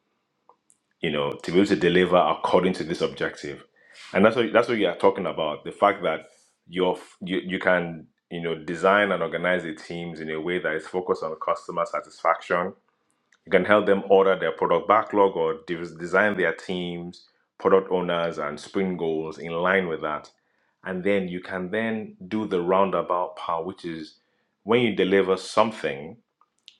you know, to be able to deliver according to this objective? And that's what that's what you are talking about. The fact that you're f- you, you can, you know, design and organize the teams in a way that is focused on customer satisfaction you can help them order their product backlog or de- design their teams, product owners, and sprint goals in line with that. And then you can then do the roundabout part, which is when you deliver something,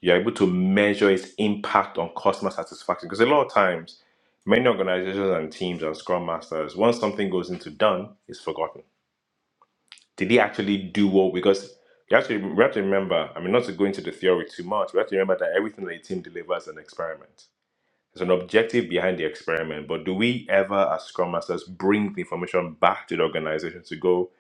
you're able to measure its impact on customer satisfaction. Because a lot of times, many organizations and teams and scrum masters, once something goes into done, it's forgotten. Did he actually do what? Because you have to, we have to remember, I mean, not to go into the theory too much, we have to remember that everything that a team delivers is an experiment there's an objective behind the experiment, but do we ever, as Scrum Masters, bring the information back to the organization to go,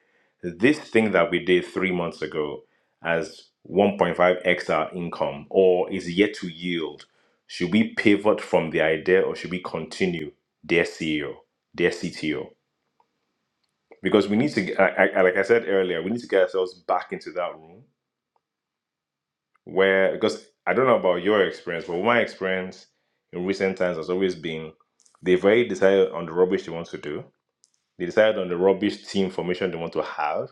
this thing that we did three months ago as 1.5x our income or is yet to yield? Should we pivot from the idea or should we continue, dear CEO, dear CTO? Because we need to, I, I, like I said earlier, we need to get ourselves back into that room where because I don't know about your experience, but my experience in recent times has always been they've already decided on the rubbish they want to do. They decide on the rubbish team formation they want to have,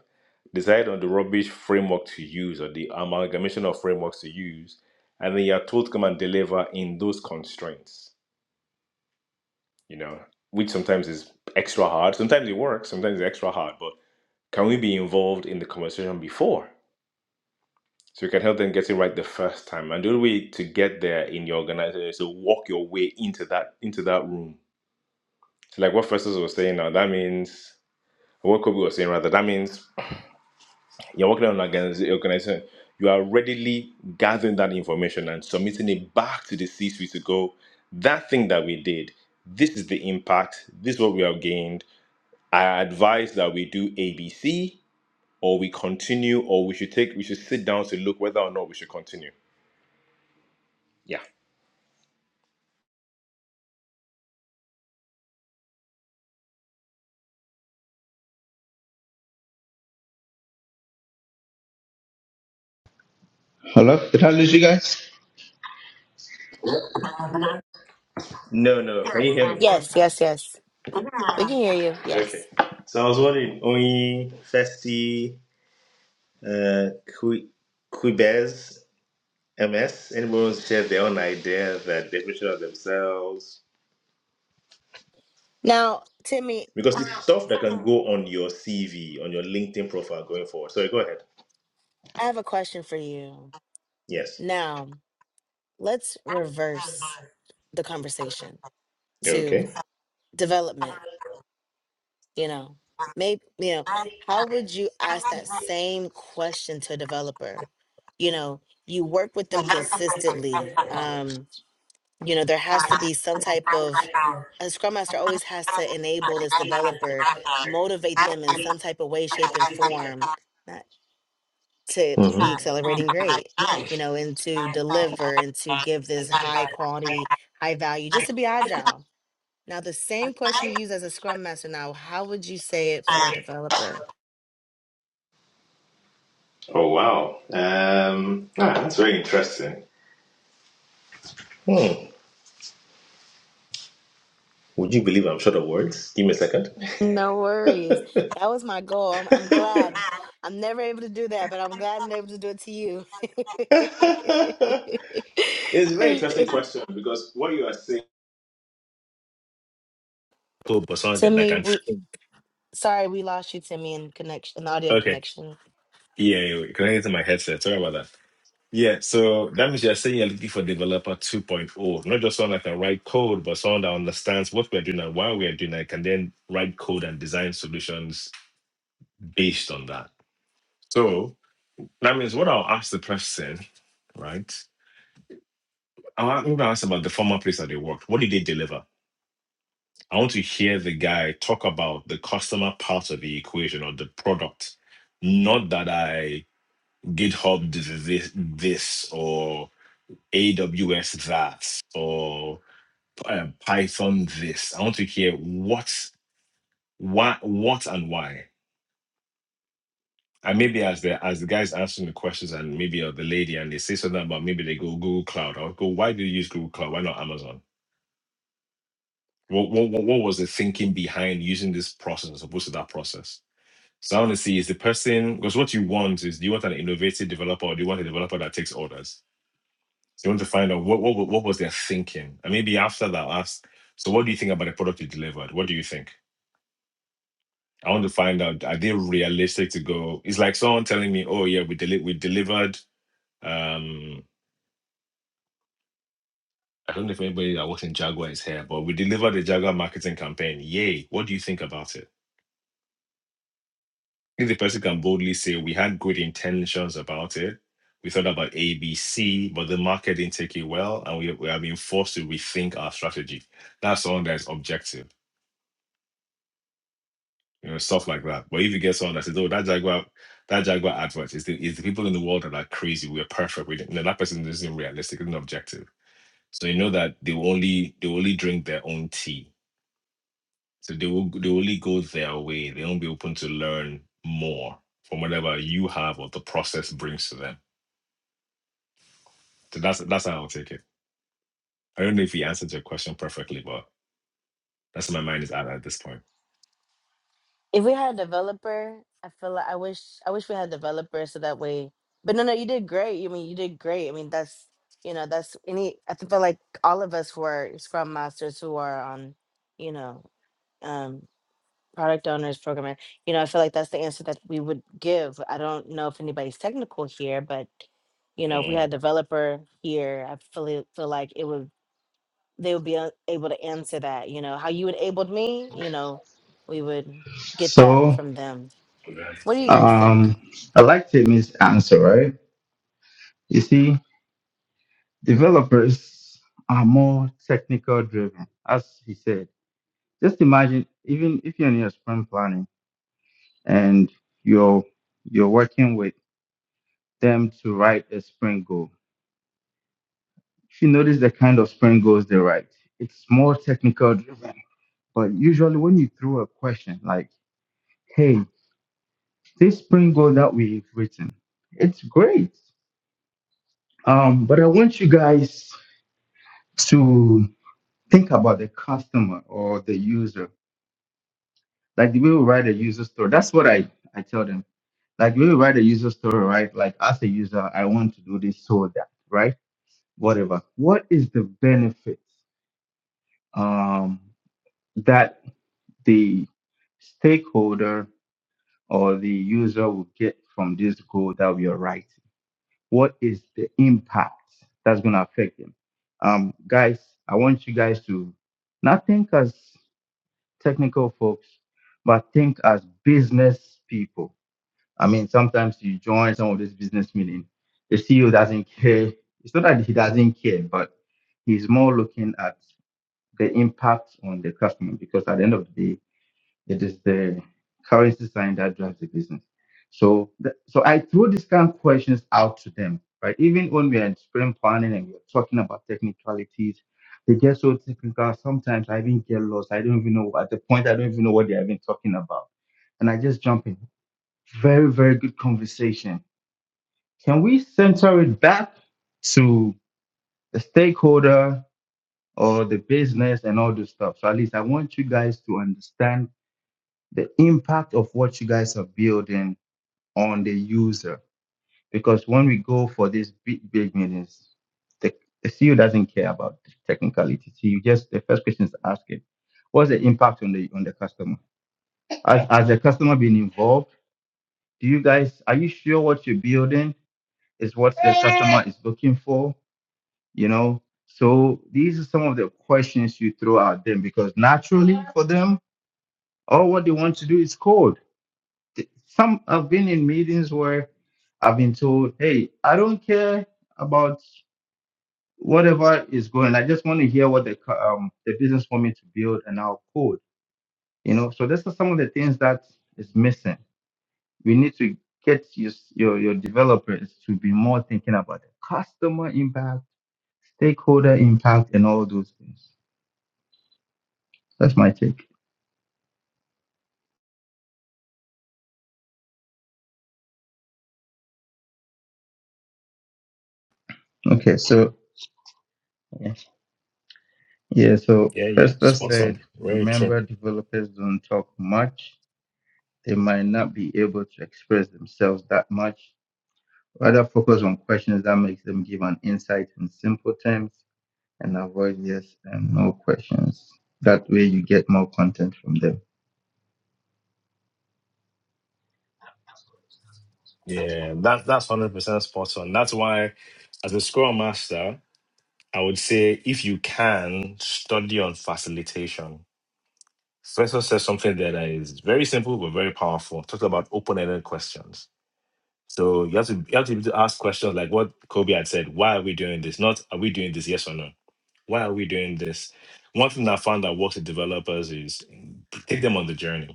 decide on the rubbish framework to use or the amalgamation of frameworks to use, and then you're told to come and deliver in those constraints, you know, which sometimes is extra hard. Sometimes it works, sometimes it's extra hard, but can we be involved in the conversation before? So you can help them get it right the first time. And the only way to get there in your organization is to walk your way into that into that room. So like what Festus was saying now, that means or what Kobe was saying rather, that means you're working on an organiz- organization. You are readily gathering that information and submitting it back to the C suite to go, that thing that we did, this is the impact, this is what we have gained. I advise that we do ABC or we continue or we should take we should sit down to look whether or not we should continue. Yeah.
Hello, did I lose you guys?
No, no. Can you hear me?
Yes, yes, yes. We can hear you.
Okay.
Yes.
So I was wondering, Oyin, Festi, uh, Qui- Quibez, MS, anyone wants to share their own idea, their definition of themselves?
Now, Timmy,
Because it's stuff that can go on your CV, on your LinkedIn profile going forward. Sorry, go ahead.
I have a question for you.
Yes.
Now, let's reverse the conversation
Okay.
to development. You know, maybe, you know, how would you ask that same question to a developer? You know, you work with them consistently. Um, you know, there has to be some type of a scrum master
hmm
always has to enable this developer, motivate them in some type of way, shape, and form, not to be accelerating grade, you know, and to deliver and to give this high quality, high value, just to be agile now, the same question you use as a scrum master now, how would you say it for a developer?
Oh wow. Um, ah, that's very interesting. Hmm. Would you believe I'm short of words? Give me a second.
No worries. That was my goal. I'm, I'm
it's
glad. I'm never able to do that, but I'm glad I'm able to do it to you.
a very interesting question because what you are saying. Oh, but someone get that
Timmy,
can.
we sorry we lost you, Timmy, in connection, in audio
Okay.
connection.
Yeah, yeah, wait, connected to my headset. Sorry about that. Yeah, so that means you're saying you're looking for developer 2.0, not just someone that can write code, but someone that understands what we're doing and why we're doing it, can then write code and design solutions based on that. So that means what I'll ask the person, right? I'll- I'm going to ask about the former place that they worked. What did they deliver? I want to hear the guy talk about the customer part of the equation or the product, not that I GitHub this, this or AWS that or uh, Python this. I want to hear what, why, what, and why. And maybe as the as the guys answering the questions, and maybe or the lady, and they say something about maybe they go Google Cloud. I'll go. Why do you use Google Cloud? Why not Amazon? What what what what was the thinking behind using this process as opposed to that process? So I want to see is the person because what you want is do you want an innovative developer or do you want a developer that takes orders? So you want to find out what what what was their thinking, and maybe after that, I'll ask. So what do you think about the product you delivered? What do you think? I want to find out are they realistic to go? It's like someone telling me, "Oh yeah, we deli- we delivered." Um, I don't know if anybody that works in Jaguar is here, but we delivered the Jaguar marketing campaign. Yay! What do you think about it? If the person can boldly say, "We had good intentions about it. We thought about A, B, C, but the market didn't take it well, and we we have been forced to rethink our strategy." That's someone that's objective you know, stuff like that. But if you get someone that says, "Oh, that Jaguar, that Jaguar advert is the is the people in the world that are crazy. We're perfect. We didn't-" you know, that person isn't realistic, isn't objective. So you know that they will only they will only drink their own tea. So they will they will only go their way. They won't be open to learn more from whatever you have or the process brings to them. So that's that's how I'll take it. I don't know if he answered your question perfectly, but that's where my mind is at at this point.
If we had a developer, I feel like I wish I wish we had a developer so that way. But no, no, you did great. I mean, you did great. I mean, that's you know, that's any. I th- feel like all of us who are Scrum masters who are on, you know, um, product owners, programmer. You know, I feel like that's the answer that we would give. I don't know if anybody's technical here, but you know, if we
Mm,
had a developer here, I feel feel like it would they would be a- able to answer that. You know, how you enabled me. You know, we would get that
So
from them.
Yeah.
What do you guys
okay.
think?
um, I liked Timmy's answer, right? You see. developers are more technical driven, as he said. Just imagine, even if you're in your sprint planning and your your own way go, if you know right, it's called like like, hey, this it takes us to think about the user. Like the way we write a user story. That's what I, I tell them. Like the way we write a user story, right? Like as a user, I want to do this so that, right? Whatever. What is the benefit um that the stakeholder or the user will get from this goal that we are writing? What is the impact that's going to affect them? Um, guys, like this out sprint planning and we're talking about technicalities. They get so technical. Sometimes I even get lost. I don't even know at the point I don't even know what they're even talking about. And I just jump in. Very, very good conversation. Can we center it back to the stakeholder or the business and all this stuff? So at least I want you guys to understand the impact of what you guys are building on the user. Because when we go for these big, big meetings, the, the CEO doesn't care about technicality. So you just the first question is asking, what's the impact on the on the customer? Has as the customer been involved, do you guys are you sure what you're building is what the customer is looking for? You know, so these are some of the questions you throw at them because naturally for them, all what they want to do is code th- some I've been in meetings where I've been told, "Hey, I don't care about whatever is going. I just want to hear what the co- um the business want me to build, and I'll code." You know, so this is some of the things that is missing. We need to get your your, your developers to be more thinking about the customer impact, stakeholder impact, and all those things. That's my take. Okay, so yeah, yeah so
Yeah, yeah,
Festa
spot
said,
on. Very true.
remember developers don't talk much they might not be able to express themselves that much. Rather focus on questions that makes them give an insight in simple terms and avoid yes and no questions. That way you get more content from them.
Yeah, that that's hundred percent spot on. That's why, as a Scrum Master, I would say if you can study on facilitation. Professor says something there that is very simple but very powerful. Talked about open-ended questions. So you have to you have to be able to ask questions like what Kobe had said. Why are we doing this? Not are we doing this? Yes or no? Why are we doing this? One thing that I found that works with developers is take them on the journey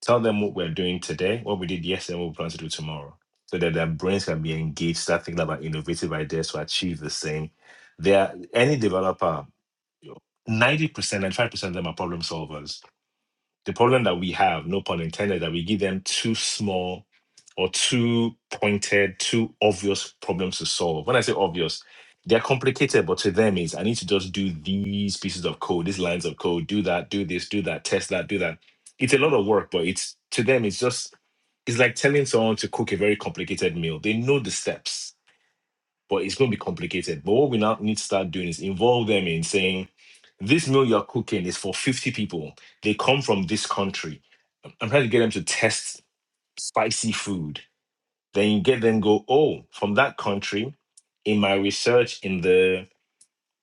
Tell them what we're doing today, what we did yesterday, and what we plan to do tomorrow, so that their brains can be engaged, start thinking about innovative ideas to achieve the same. There, any developer, 90%, ninety-five percent of them are problem solvers the problem that we have, no pun intended, that we give them too small or too pointed, too obvious problems to solve. When I say obvious, they're complicated, but to them is I need to just do these pieces of code, these lines of code, do that, do this, do that, test that, do that. It's a lot of work, but it's to them, it's just it's like telling someone to cook a very complicated meal. They know the steps but it's going to be complicated. But what we now need to start doing is involve them in saying, this meal you're cooking is for 50 people. They come from this country. I'm trying to get them to test spicy food. Then you get them go, oh, from that country, in my research, in the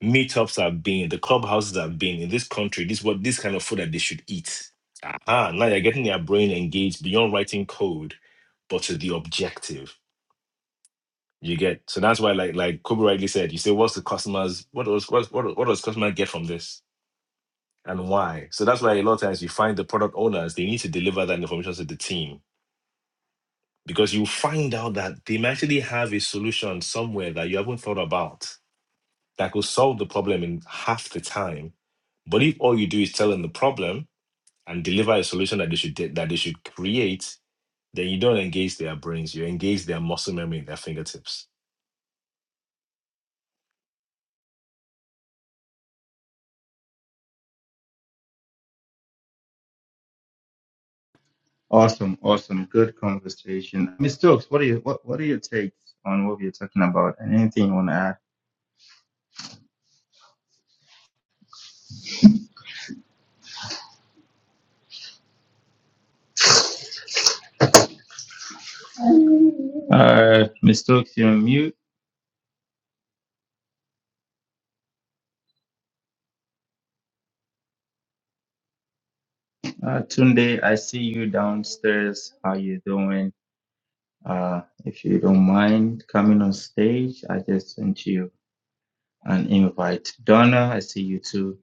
meetups I've been, the clubhouses I've been in this country, this what this kind of food that they should eat. Ah, now you're getting their brain engaged beyond writing code, but to the objective. You get so that's why, like like Kobe rightly said, you say, "What's the customers? What does what what what does customer get from this, and why?" So that's why a lot of times you find the product owners they need to deliver that information to the team because you find out that they may actually have a solution somewhere that you haven't thought about that could solve the problem in half the time. But if all you do is tell them the problem and deliver a solution that they should de- that they should create, then you don't engage their brains. You engage their muscle memory in their fingertips
Awesome, awesome, good conversation. Mr. Stokes, what are you what, what are your takes on what we're talking about and anything you want to add? Uh Ms. Stokes, you're on mute. Uh Tunde, I see you downstairs. How you doing? Uh if you don't mind coming on stage, I just sent you and invite. Donna, I see you too.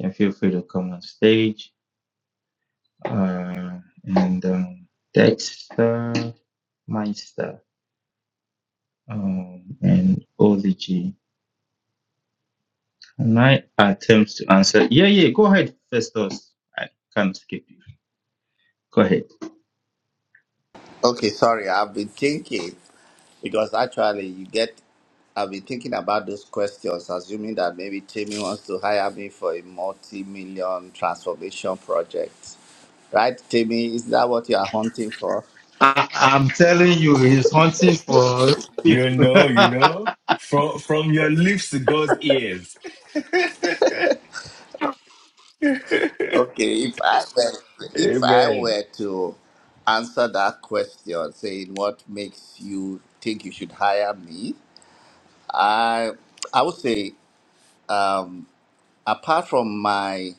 Can feel free to come on stage. Uh, and um, Dexter Meister um, and Oligi. And My attempts to answer. Yeah, yeah, go ahead, Festus. I can't skip you. Go ahead.
Okay. Sorry, I've been thinking. Because actually, you get, I've been thinking about those questions, assuming that maybe Timmy wants to hire me for a multi million transformation project. Right, Timmy? Is that what you are hunting for?
I, I'm telling you, he's hunting for
You know,
people.
you know, from from your lips to God's ears.
Okay, if I were, if I
Amen.
were to answer that question, saying what makes you think you should hire me, I I would say apart from my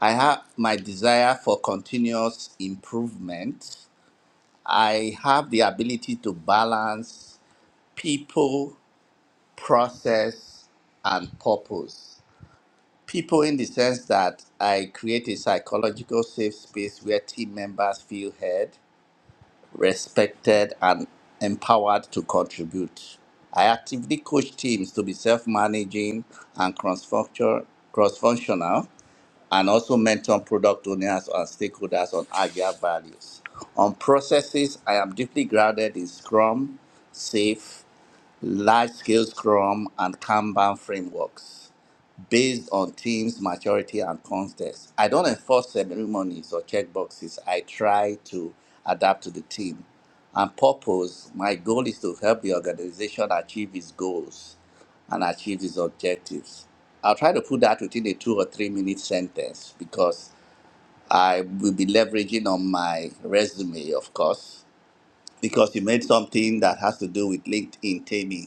I have my desire for continuous improvement I have the ability to balance people, process, and purpose. People, in the sense that I create a psychological safe space where team members feel heard, respected, and empowered to contribute. I actively coach teams to be self managing and cross functional and also mentor product owners and stakeholders on agile values. On processes, I am deeply grounded in Scrum, SAFe, large scale Scrum, and Kanban frameworks based on team's maturity and context. I don't enforce ceremonies or checkboxes. I try to adapt to the team. And purpose, my goal is to help the organization achieve its goals and achieve its objectives. I'll try to put that within a two or three minute sentence because I will be leveraging on my resume, of course, because you made something that has to do with LinkedIn Tammy.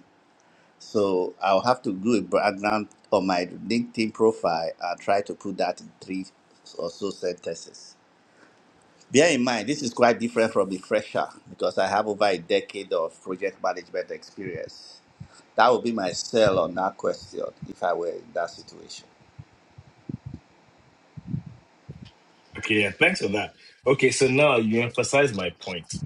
So I'll have to do a background on my LinkedIn profile and try to put that in three or so sentences. Bear in mind, this is quite different from the fresher because I have over a decade of project management experience. That would be my sell on that question if I were in that situation.
Okay, yeah, thanks for that. Okay, so now you emphasize my point.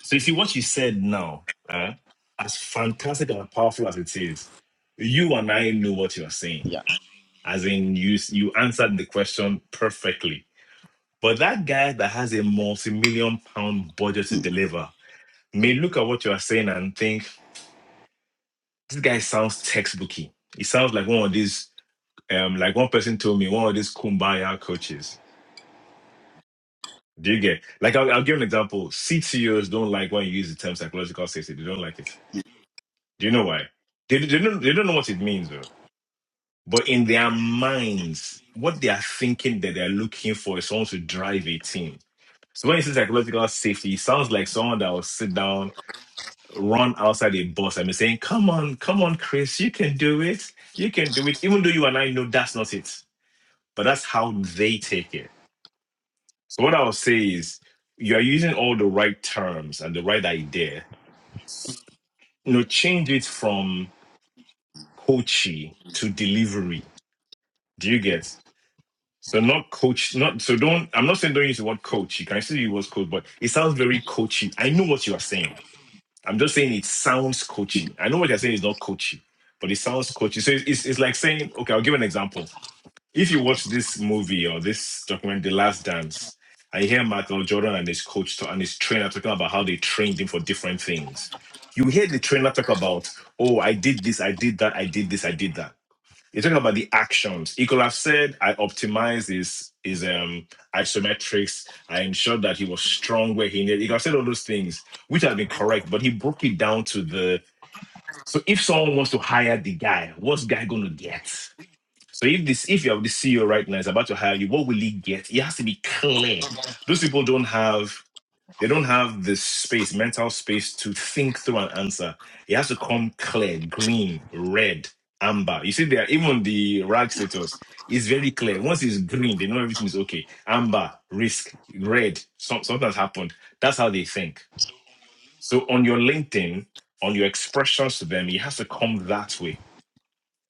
So you see what you said now, uh, as fantastic and powerful as it is, you and I know what you're saying.
Yeah.
As in, you you answered the question perfectly. But that guy that has a multi-million pound budget to deliver may look at what you are saying and think this guy sounds textbooky. He sounds like one of these Um, like one person told me, one of these kumbaya coaches. Do you get like I'll, I'll give an example. CTOs don't like when you use the term psychological safety. They don't like it. Do you know why? They, they don't they don't know what it means though. But in their minds, what they are thinking that they're looking for is someone to drive a team. So when you say psychological safety, it sounds like someone that will sit down, run outside a bus and be saying, Come on, come on, Chris, you can do it. You can do it. Even though you and I know that's not it. But that's how they take it So what I'll say is you are using all the right terms and the right idea. You know, change it from coachy to delivery. Do you get? So not coach, not so don't I'm not saying don't use the word coach. You can still use word coach, but it sounds very coachy. I know what you are saying. I'm just saying it sounds coachy. I know what you're saying is not coachy, but it sounds coachy. So it's, it's, it's like saying, okay, I'll give an example if you watch this movie or this document, The Last Dance, I hear Michael Jordan and his coach ta- and his trainer talking about how they trained him for different things. You hear the trainer talk about, oh, I did this, I did that, I did this, I did that. They're talking about the actions. He could have said, I optimized his, his um, isometrics. I ensured that he was strong where he needed. He could have said all those things, which have been correct, but he broke it down to the. So if someone wants to hire the guy, what's guy going to get? So if this, if you have the CEO right now is about to hire you, what will he get? It has to be clear. Those people don't have they don't have the space, mental space to think through an answer. It has to come clear, green, red, amber. You see, there even the rag status is very clear. Once it's green, they know everything is okay. Amber, risk, red, some, something has happened. That's how they think. So on your LinkedIn, on your expressions to them, it has to come that way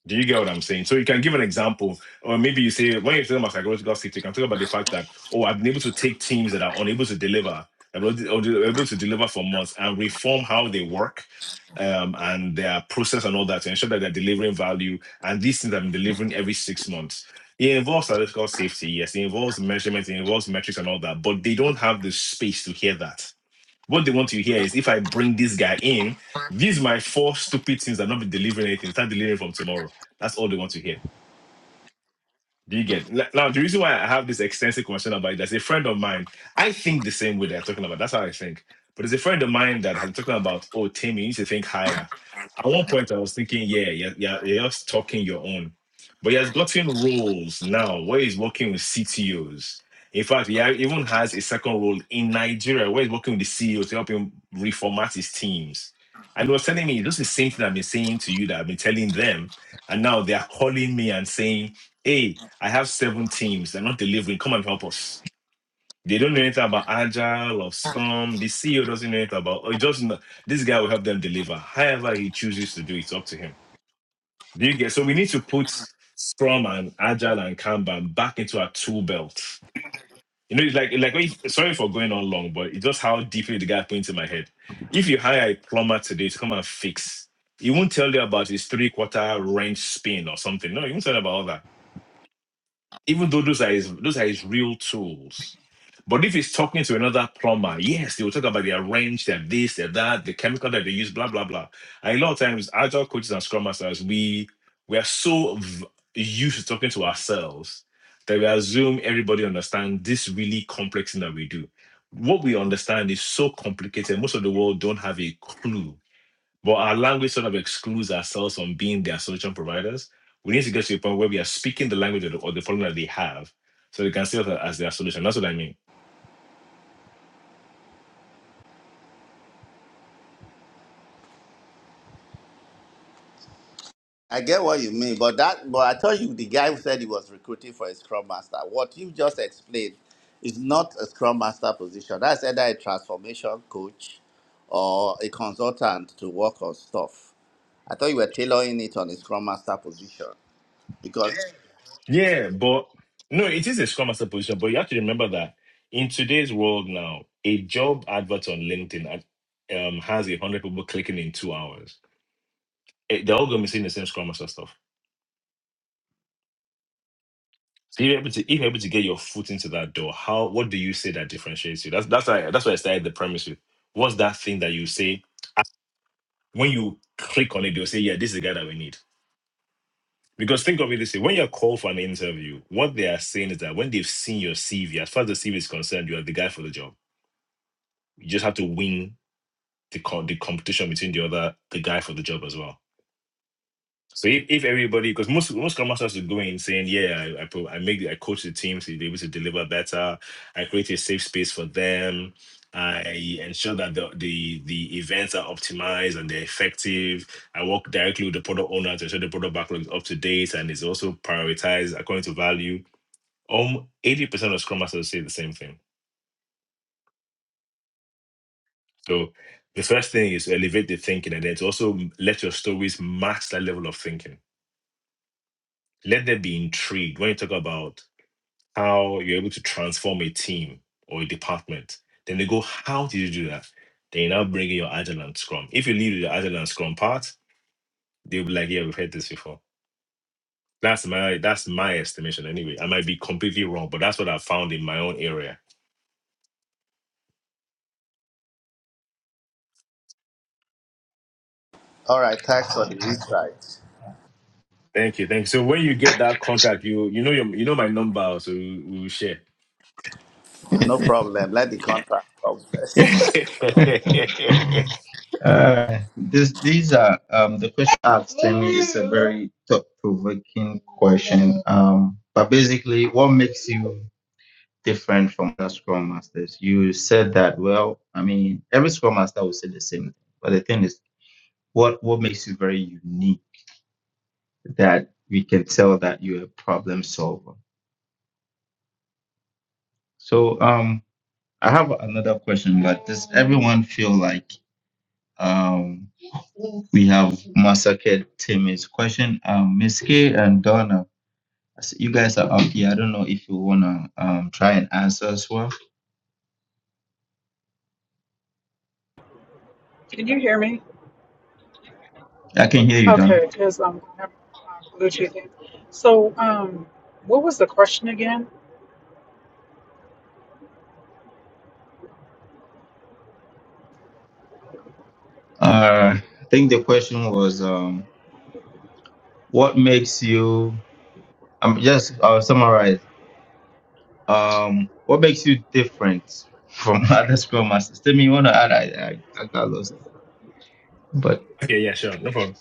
do you get what I'm saying? So you can give an example, or maybe you say when you're talking about psychological safety, you can talk about the fact that oh, I've been able to take teams that are unable to deliver, able to- or they're able to deliver for months, and reform how they work, um, and their process and all that to ensure that they're delivering value. And these things i been delivering every six months. It involves psychological safety, yes. It involves measurements, it involves metrics and all that, but they don't have the space to hear that what they want you to hear is if I bring this guy in, these my four stupid things that not be delivering anything. Start delivering from tomorrow. That's all they want to hear. Do you get N- now? The reason why I have this extensive conversation about it, there's a friend of mine. I think the same way they're talking about. That's how I think. But there's a friend of mine that has been talking about, oh, Tim, you need to think higher. At one point, I was thinking, yeah, yeah, yeah, you're just talking your own. But he has gotten roles now where he's working with CTOs. In fact, he ha- even has a second role in Nigeria where he's working with the CEOs to help him reformat his teams. And he was telling me, this is the same thing I've been saying to you that I've been telling them. And now they are calling me and saying, hey, I have seven teams. They're not delivering. Come and help us. They don't know anything about Agile or Scrum. The CEO doesn't know anything about, or he just kn- this guy will help them deliver. However, he chooses to do it's up to him. Do you get? So we need to put Scrum and Agile and Kanban back into our tool belt. You know, it's like like when you- sorry for going on long, but it's just how deeply the guy points in my head. If you hire a plumber today to come and fix, he won't tell you about his three-quarter wrench spin or something. No, he won't tell you about all that even though those are his those are his real tools. But if he's talking to another plumber, yes, they will talk about their wrench, their this, their that, the chemical that they use, blah blah blah. And a lot of times, agile coaches and scrum masters, we we are so v- used to talking to ourselves that we assume everybody understands this really complex thing that we do. What we understand is so complicated. Most of the world don't have a clue but our language sort of excludes ourselves from being their solution providers. We need to get to a point where we are speaking the language of the, or the problem that they have so they can see us as their solution. That's what I mean.
I get what you mean, but that but I told you the guy who said he was recruiting for a scrum master. What you just explained is not a scrum master position. That's either a transformation coach or a consultant to work on stuff. I thought you were tailoring it on a scrum master position. Because
Yeah, but no, it is a scrum master position, but you have to remember that in today's world now, a job advert on LinkedIn ad- um, has a hundred people clicking in two hours. Eh, They're all going to be seeing the same scrum master stuff. So if you're able to, if you're able to get your foot into that door, how what do you say that differentiates you? That's that's why that's why I started the premise with. What's that thing that you say When you click on it, they'll say, Yeah, this is the guy that we need. Because think of it this way when you're called for an interview, what they are saying is that when they've seen your CV, as far as the CV is concerned, you are the guy for the job. You just have to win the, co- the competition between the other, the guy for the job as well. So if, if everybody, because most most scrum masters are going saying, yeah, I I, pro- I make I coach the team to be able to deliver better. I create a safe space for them. I ensure that the, the the events are optimized and they're effective. I work directly with the product owner to ensure the product backlog is up to date and is also prioritized according to value. Um, eighty percent of scrum masters say the same thing. So the first thing is to elevate the thinking, and then to also let your stories match that level of thinking. Let them be intrigued when you talk about how you're able to transform a team or a department. Then they go, how did you do that? Then you now bring in your agile and scrum. If you leave the agile and scrum part, they'll be like, yeah, we've heard this before. That's my that's my estimation anyway. I might be completely wrong, but that's what I found in my own area.
all right, thanks for the insight.
Thank you, thank you. So when you get that contract, you you know your you know my number, so we will share.
No problem. Let the contract come first.
okay,
Uh, this, these are um, the question asked to me is a very thought-provoking question. Um, but basically, what makes you different from other Scrum Masters? You said that. Well, I mean, every Scrum Master will say the same thing. But the thing is, what what makes you very unique that we can tell that you're a problem solver? So, um, I have another question. But does everyone feel like um, we have massacred Timmy's question? Um, Miss K and Donna. s- you guys are up here. I don't know if you wanna um try and answer as well.
Can you hear me?
I can hear you, Donna.
Okay, because um, I have uh, Bluetooth in. So, um, what was the question again?
Uh, I think the question was um what makes you I'm just I'll summarize. Um, what makes you different from other Scrum Masters? Tell me you wanna add? I, I I got lost. But
yeah, sure, no problem.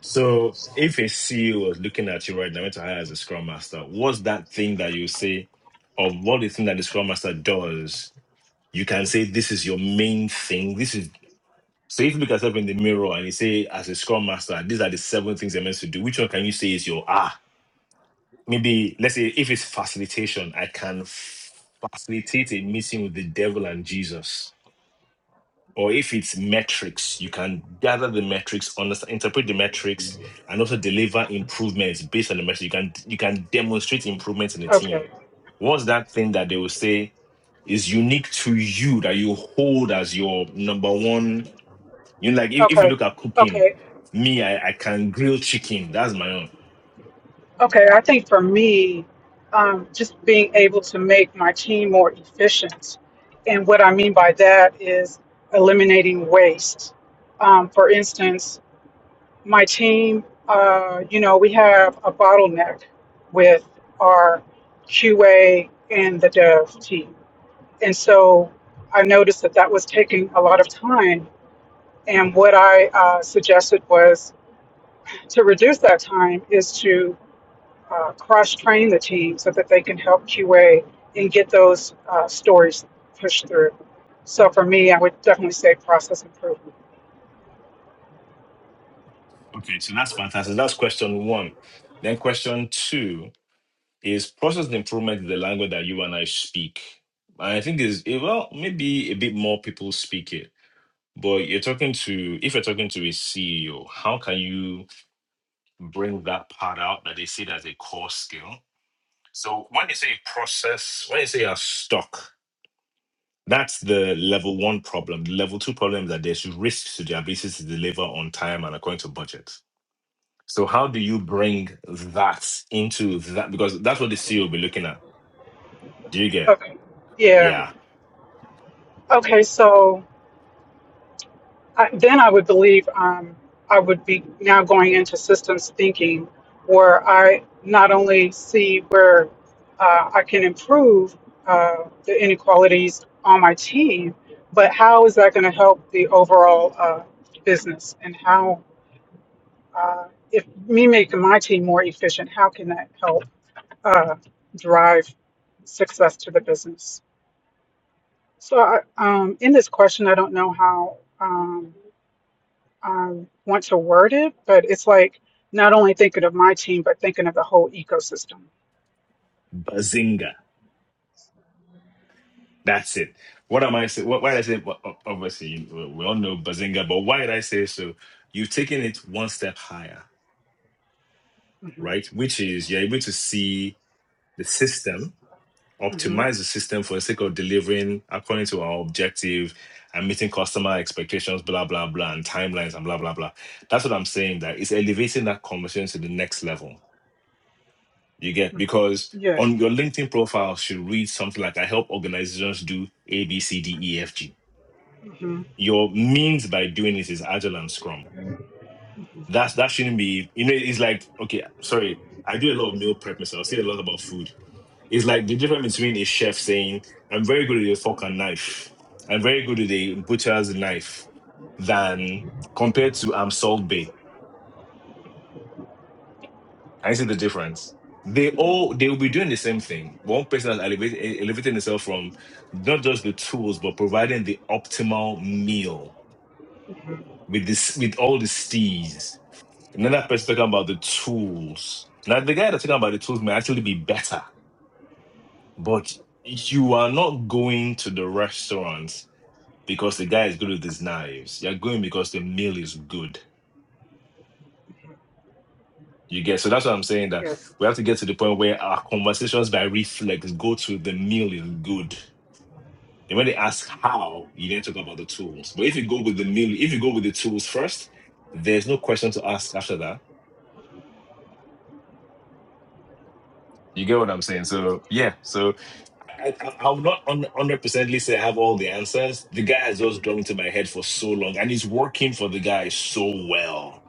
So if a CEO was looking at you right now, went to hire as a scrum master, what's that thing that you say, or what the thing that the scrum master does? You can say this is your main thing. This is so if you look at yourself in the mirror and you say, as a scrum master, these are the seven things you're meant to do. Which one can you say is your ah? Maybe let's say if it's facilitation, I can facilitate a meeting with the devil and Jesus or if it's metrics, you can gather the metrics, understand, interpret the metrics, and also deliver improvements based on the metrics. You can you can demonstrate improvements in the team.
Okay,
What's that thing that they will say is unique to you that you hold as your number one? You know, like if, if you
okay,
look at cooking,
okay,
me, I, I can grill chicken. That's my own.
okay. I think for me, um, just being able to make my team more efficient. And what I mean by that is eliminating waste. Um, for instance, my team, uh, you know, we have a bottleneck with our QA and the dev team And so I noticed that that was taking a lot of time. And what I uh, suggested was to reduce that time is to uh, cross train the team so that they can help QA and get those uh, stories pushed through. So for me, I would definitely say process improvement.
Okay, so that's fantastic. That's question one. Then question two is process improvement is the language that you and I speak. And I think is eh, well, maybe a bit more people speak it. But you're talking to if you're talking to a CEO, how can you bring that part out that they see it as a core skill? So when you say process, when you say you're stuck, that's the level one problem. The level two problem is that there's risks to the ability to deliver on time and according to budget. So how do you bring that into that? Because that's what the CEO will be looking at. Do you get?
Okay. Yeah.
Yeah.
Okay. So I, then I would believe um, I would be now going into systems thinking where I not only see where uh, I can improve uh, the inequalities on my team, but how is that going to help the overall uh, business and how, uh, if me making my team more efficient, how can that help uh, drive success to the business? So I, um, in this question, I don't know how. Um, um, want to word it, but it's like not only thinking of my team, but thinking of the whole ecosystem.
Bazinga. That's it. What am I saying? Why did I say? Well, o- obviously, you- we all know Bazinga, but why did I say so? You've taken it one step higher,
hmm
right? Which is you're able to see the system,
hmm
optimize the system for the sake of delivering according to our objective and meeting customer expectations, blah blah blah, and timelines and blah blah blah. That's what I'm saying. That it's elevating that conversation to the next level. You get
hmm
because
Yes.
on your LinkedIn profile should read something like "I help organizations do ABCDEFG.
hmm
your means by doing it is agile and scrum that's that shouldn't be you know it's like okay sorry i do a lot of meal prep myself i say a lot about food it's like the difference between a chef saying i'm very good with a fork and knife i'm very good with a butcher's knife than compared to i'm salt bay i see the difference they all they will be doing the same thing one person has elevated, elevating himself from not just the tools but providing the optimal meal with this with all the steez And then that person talking about the tools. Now the guy that's talking about the tools may actually be better, but you are not going to the restaurants because the guy is good with his knives. You're going because the meal is good. You get so that's what I'm saying that
Yes.
we have to get to the point where our conversations by reflex go to the meal is good. And when they ask how, you then talk about the tools. But if you go with the meal, if you go with the tools first, there's no question to ask after that. You get what I'm saying? So yeah, so I, I I would not one hundred percently say I have all the answers. The guy has just gone into my head for so long, and he's working for the guy so well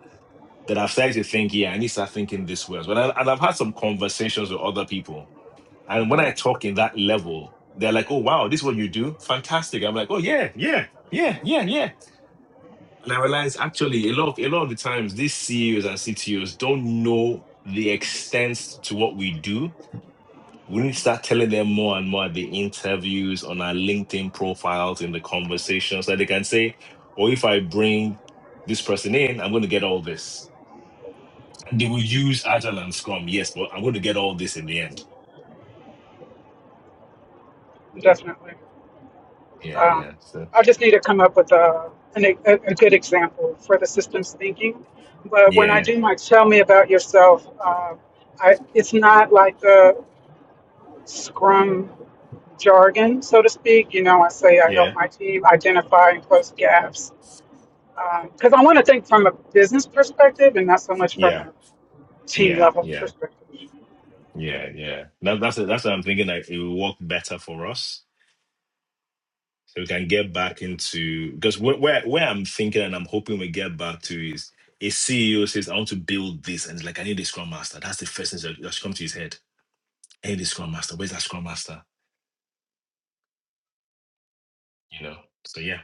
that I've started to think, yeah, I need to start thinking this way as well. And, and I've had some conversations with other people, and when
hmm
I talk in that level, they're like, "Oh wow, this is what you do, fantastic." I'm like, "Oh yeah, yeah." Yeah, yeah, yeah. And I realize actually a lot of a lot of the times these CEOs and CTOs don't know the extent to what we do we need to start telling them more and more at the interviews on our LinkedIn profiles in the conversations that they can say, or if I bring this person in, I'm going to get all this. And they will use Agile and Scrum, yes, but I'm going to get all this in the end.
Definitely.
Yeah,
Um,
yeah. So
I just need to come up with a, an, e- a, a good example for the systems thinking. But when I
yeah,
do my tell me about yourself, uh, I, it's not like the Scrum jargon, so to speak. You know, I say I
yeah,
help my team identify and close gaps because I want to think from a business perspective and not so much from
yeah,
a team
yeah,
level
yeah,
perspective.
yeah, yeah. That, that's that's what I'm thinking. Like it will work better for us so we can get back into because where, where where I'm thinking and I'm hoping we get back to is a CEO says I want to build this and it's like I need a scrum master. That's the first thing that, that should come to his head. I need a scrum master. Where's that scrum master? You know. So yeah,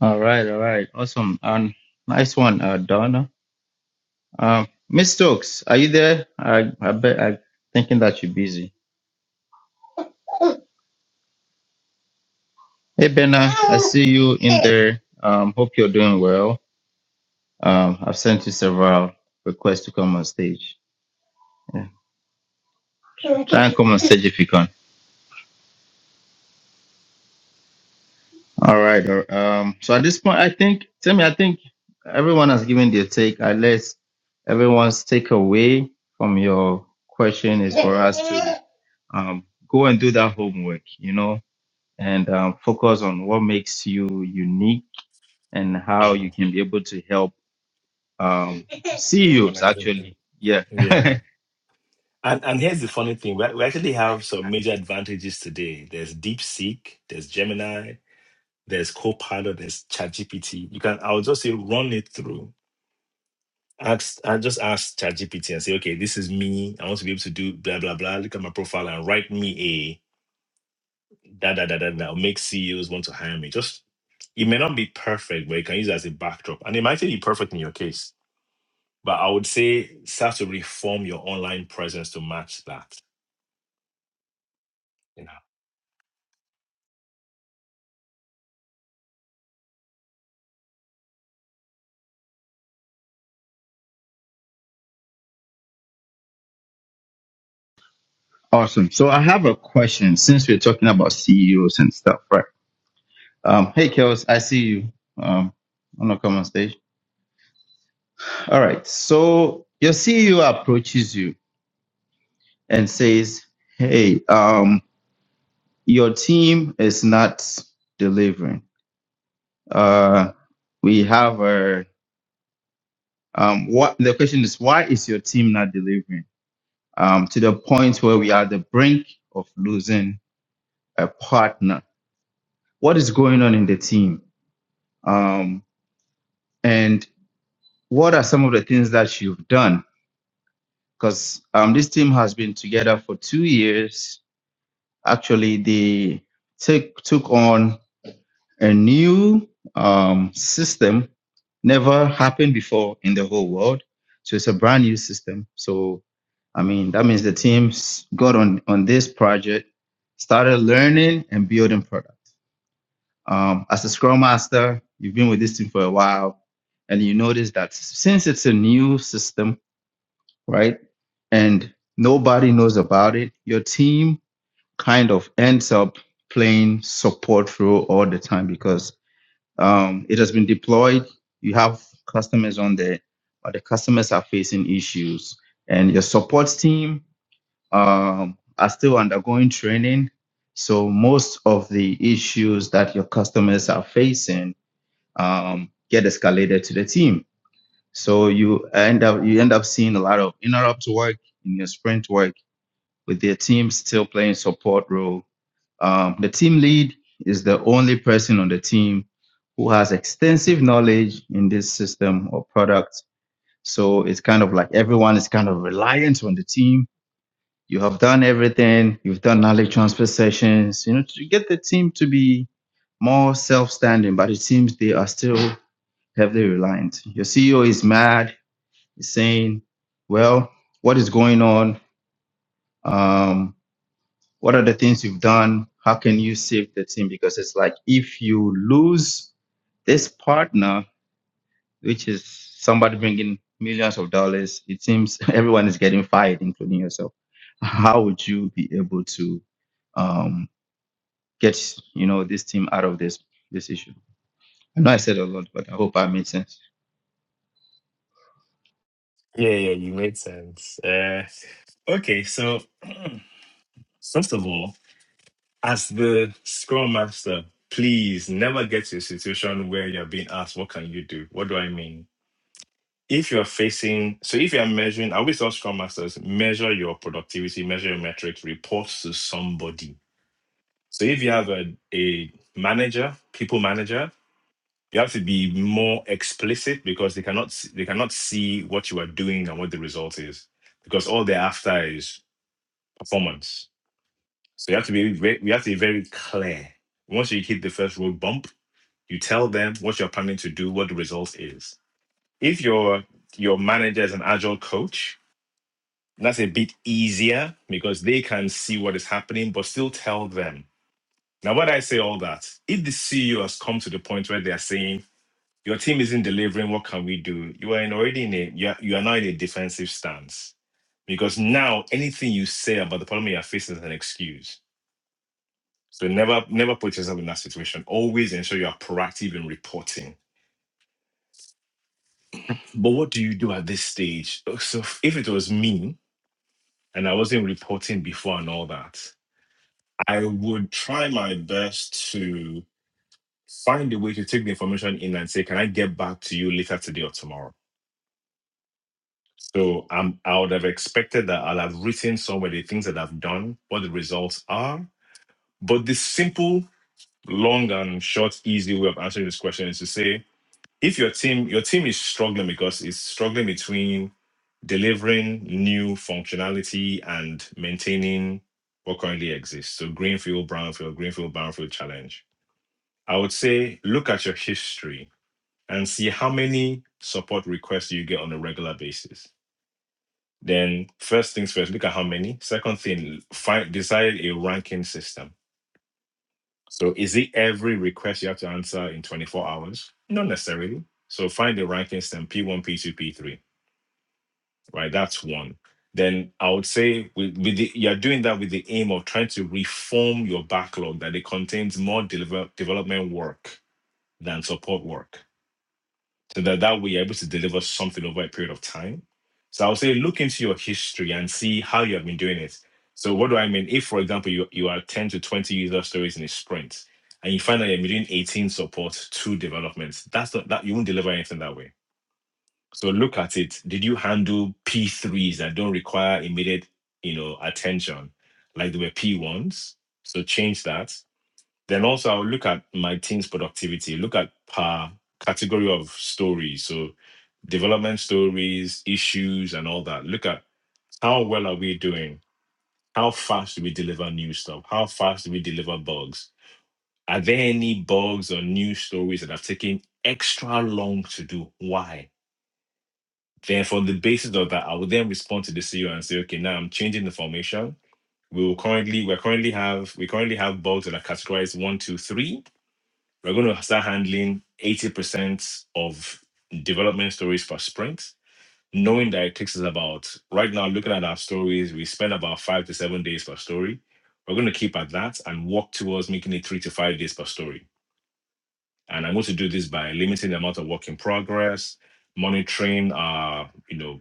all right, all right, awesome. Um, nice one, uh, Donna. Um, Miss Stokes, are you there? I I bet I'm thinking that you're busy. Hey, Benna, I see you in there. Um, hope you're doing well. Um, I've sent you several requests to come on stage. Yeah. Try and come on stage if you can. All right. all- right. Um, so at this point, I think, Timmy, I think everyone has given their take. Unless everyone's takeaway from your question is for us to um, go and do that homework, you know, and um, focus on what makes you unique and how you
Mm,
can be able to help um, CEOs actually.
organization.
Yeah.
Yeah. And, and here's the funny thing: we, we actually have some major advantages today. There's DeepSeek, there's Gemini, there's Copilot, there's ChatGPT. You can I'll just say run it through ask I just ask ChatGPT and say, okay, this is me. I want to be able to do blah blah blah. Look at my profile and write me a da da da da da. Make CEOs want to hire me. Just it may not be perfect, but you can use it as a backdrop, and it might actually be perfect in your case. But I would say start to reform your online presence to match that. You know.
Awesome. So I have a question since we're talking about CEOs and stuff, right? Um, hey, Kels, I see you. Um, on the on stage. All right. So your CEO approaches you and says, "Hey, um, your team is not delivering. Uh, we have a um, what the question is, why is your team not delivering? Um, to the point where we are at the brink of losing a partner. What is going on in the team? Um, and what are some of the things that you've done? Because um, this team has been together for two years. Actually, they take, took on a new um, system, never happened before in the whole world. So it's a brand new system. So, I mean, that means the teams got on, on this project, started learning and building product. Um, as a scrum master, you've been with this team for a while, and you notice that since it's a new system, right? and nobody knows about it, your team kind of ends up playing support role all the time because um, it has been deployed. You have customers on there, but the customers are facing issues, and your support team um, are still undergoing training. So most of the issues that your customers are facing um, get escalated to the team. So you end up you end up seeing a lot of interrupt work in your sprint work with their team still playing support role. Um, the team lead is the only person on the team who has extensive knowledge in this system or product. So it's kind of like everyone is kind of reliant on the team. You have done everything. You've done knowledge transfer sessions, you know, to get the team to be more self-standing, but it seems they are still heavily reliant. Your CEO is mad. He's saying, well, what is going on? Um, What are the things you've done? How can you save the team? Because it's like if you lose this partner, which is somebody bringing millions of dollars, it seems everyone is getting fired, including yourself. How would you be able to um, get you know this team out of this this issue? I know I said a lot, but I hope I made sense.
Yeah, yeah, you made sense. Uh, okay, so first of all, as the Scrum Master, please never get to a situation where you're being asked, "What can you do?" What do I mean? If you're facing, so if you're measuring, I always tell Scrum Masters measure your productivity, measure your metrics, report to somebody. So if you have a, a manager, people manager, you have to be more explicit because they cannot they cannot see what you are doing and what the result is because all they're after is performance. So you have to be very, we have to be very clear. Once you hit the first road bump, you tell them what you're planning to do, what the result is. If your your manager is an agile coach, that's a bit easier because they can see what is happening, but still tell them. Now, why do I say all that? If the CEO has come to the point where they are saying your team isn't delivering, what can we do? You are in already in a you are, you are now in a defensive stance because now anything you say about the problem you are facing is an excuse So never never put yourself in that situation. Always ensure you are proactive in reporting. But what do you do at this stage? Oh, So if it was me and I wasn't reporting before and all that, I would try my best to find a way to take the information in and say, can I get back to you later today or tomorrow? So um, I would have expected that I'll have written somewhere the things that I've done, what the results are. But the simple, long and short, easy way of answering this question is to say, if your team your team is struggling because it's struggling between delivering new functionality and maintaining what currently exists so greenfield brownfield greenfield brownfield challenge i would say look at your history and see how many support requests you get on a regular basis then first things first look at how many second thing find decide a ranking system so is it every request you have to answer in 24 hours not necessarily so find the ranking system p1 p2 p3 right? That's one. Then I would say with, with the, you're doing that with the aim of trying to reform your backlog that it contains more deliver, development work than support work. So that, that way you're able to deliver something over a period of time. So I would say look into your history and see how you have been doing it. So what do I mean? If, for example, you, you are 10 to 20 user stories in a sprint and you find that you're doing 18 support, two developments, that's not that you won't deliver anything that way so look at it. Did you handle P3s that don't require immediate, you know, attention, like they were P1s? So change that. Then also I'll look at my team's productivity. Look at per category of stories. So development stories, issues, and all that. Look at how well are we doing? How fast do we deliver new stuff? How fast do we deliver bugs? Are there any bugs or new stories that have taken extra long to do? Why? Then, for the basis of that, I will then respond to the CEO and say, okay, now I'm changing the formation. We will currently, we currently have, we currently have bulbs that are categorized one, two, three. We're going to start handling 80% of development stories per sprint, knowing that it takes us about, right now, looking at our stories, we spend about five to seven days per story. We're going to keep at that and work towards making it three to five days per story. And I'm going to do this by limiting the amount of work in progress, monitoring, our, you know,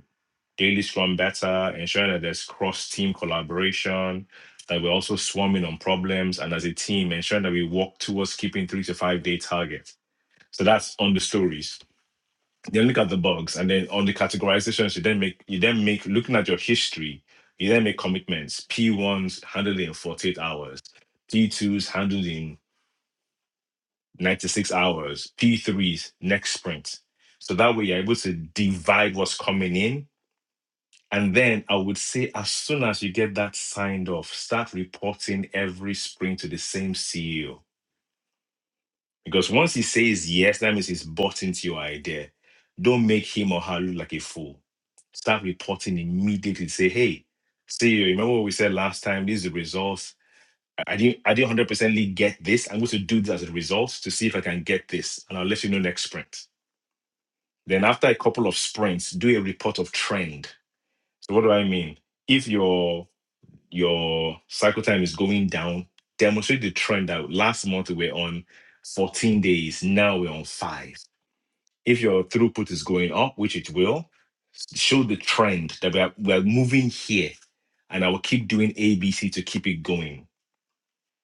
daily scrum better, ensuring that there's cross team collaboration, that we're also swarming on problems, and as a team, ensuring that we work towards keeping three to five day targets. So that's on the stories. Then look at the bugs, and then on the categorizations, you then make you then make looking at your history, you then make commitments. P1s handled in 48 hours, P2s handled in 96 hours, P3s next sprint. So that way you're able to divide what's coming in And then I would say, as soon as you get that signed off, start reporting every spring to the same CEO. Because once he says yes, that means he's bought into your idea. Don't make him or her look like a fool. Start reporting immediately. Say, hey, CEO, remember what we said last time? These are the results. I I didn't, I didn't 100% get this. I'm going to do this as a result to see if I can get this. And I'll let you know next sprint. Then after a couple of sprints, do a report of trend. So what do I mean? If your your cycle time is going down, demonstrate the trend that last month we were on 14 days, now we're on five. If your throughput is going up, which it will, show the trend that we are, we are moving here and I will keep doing ABC to keep it going.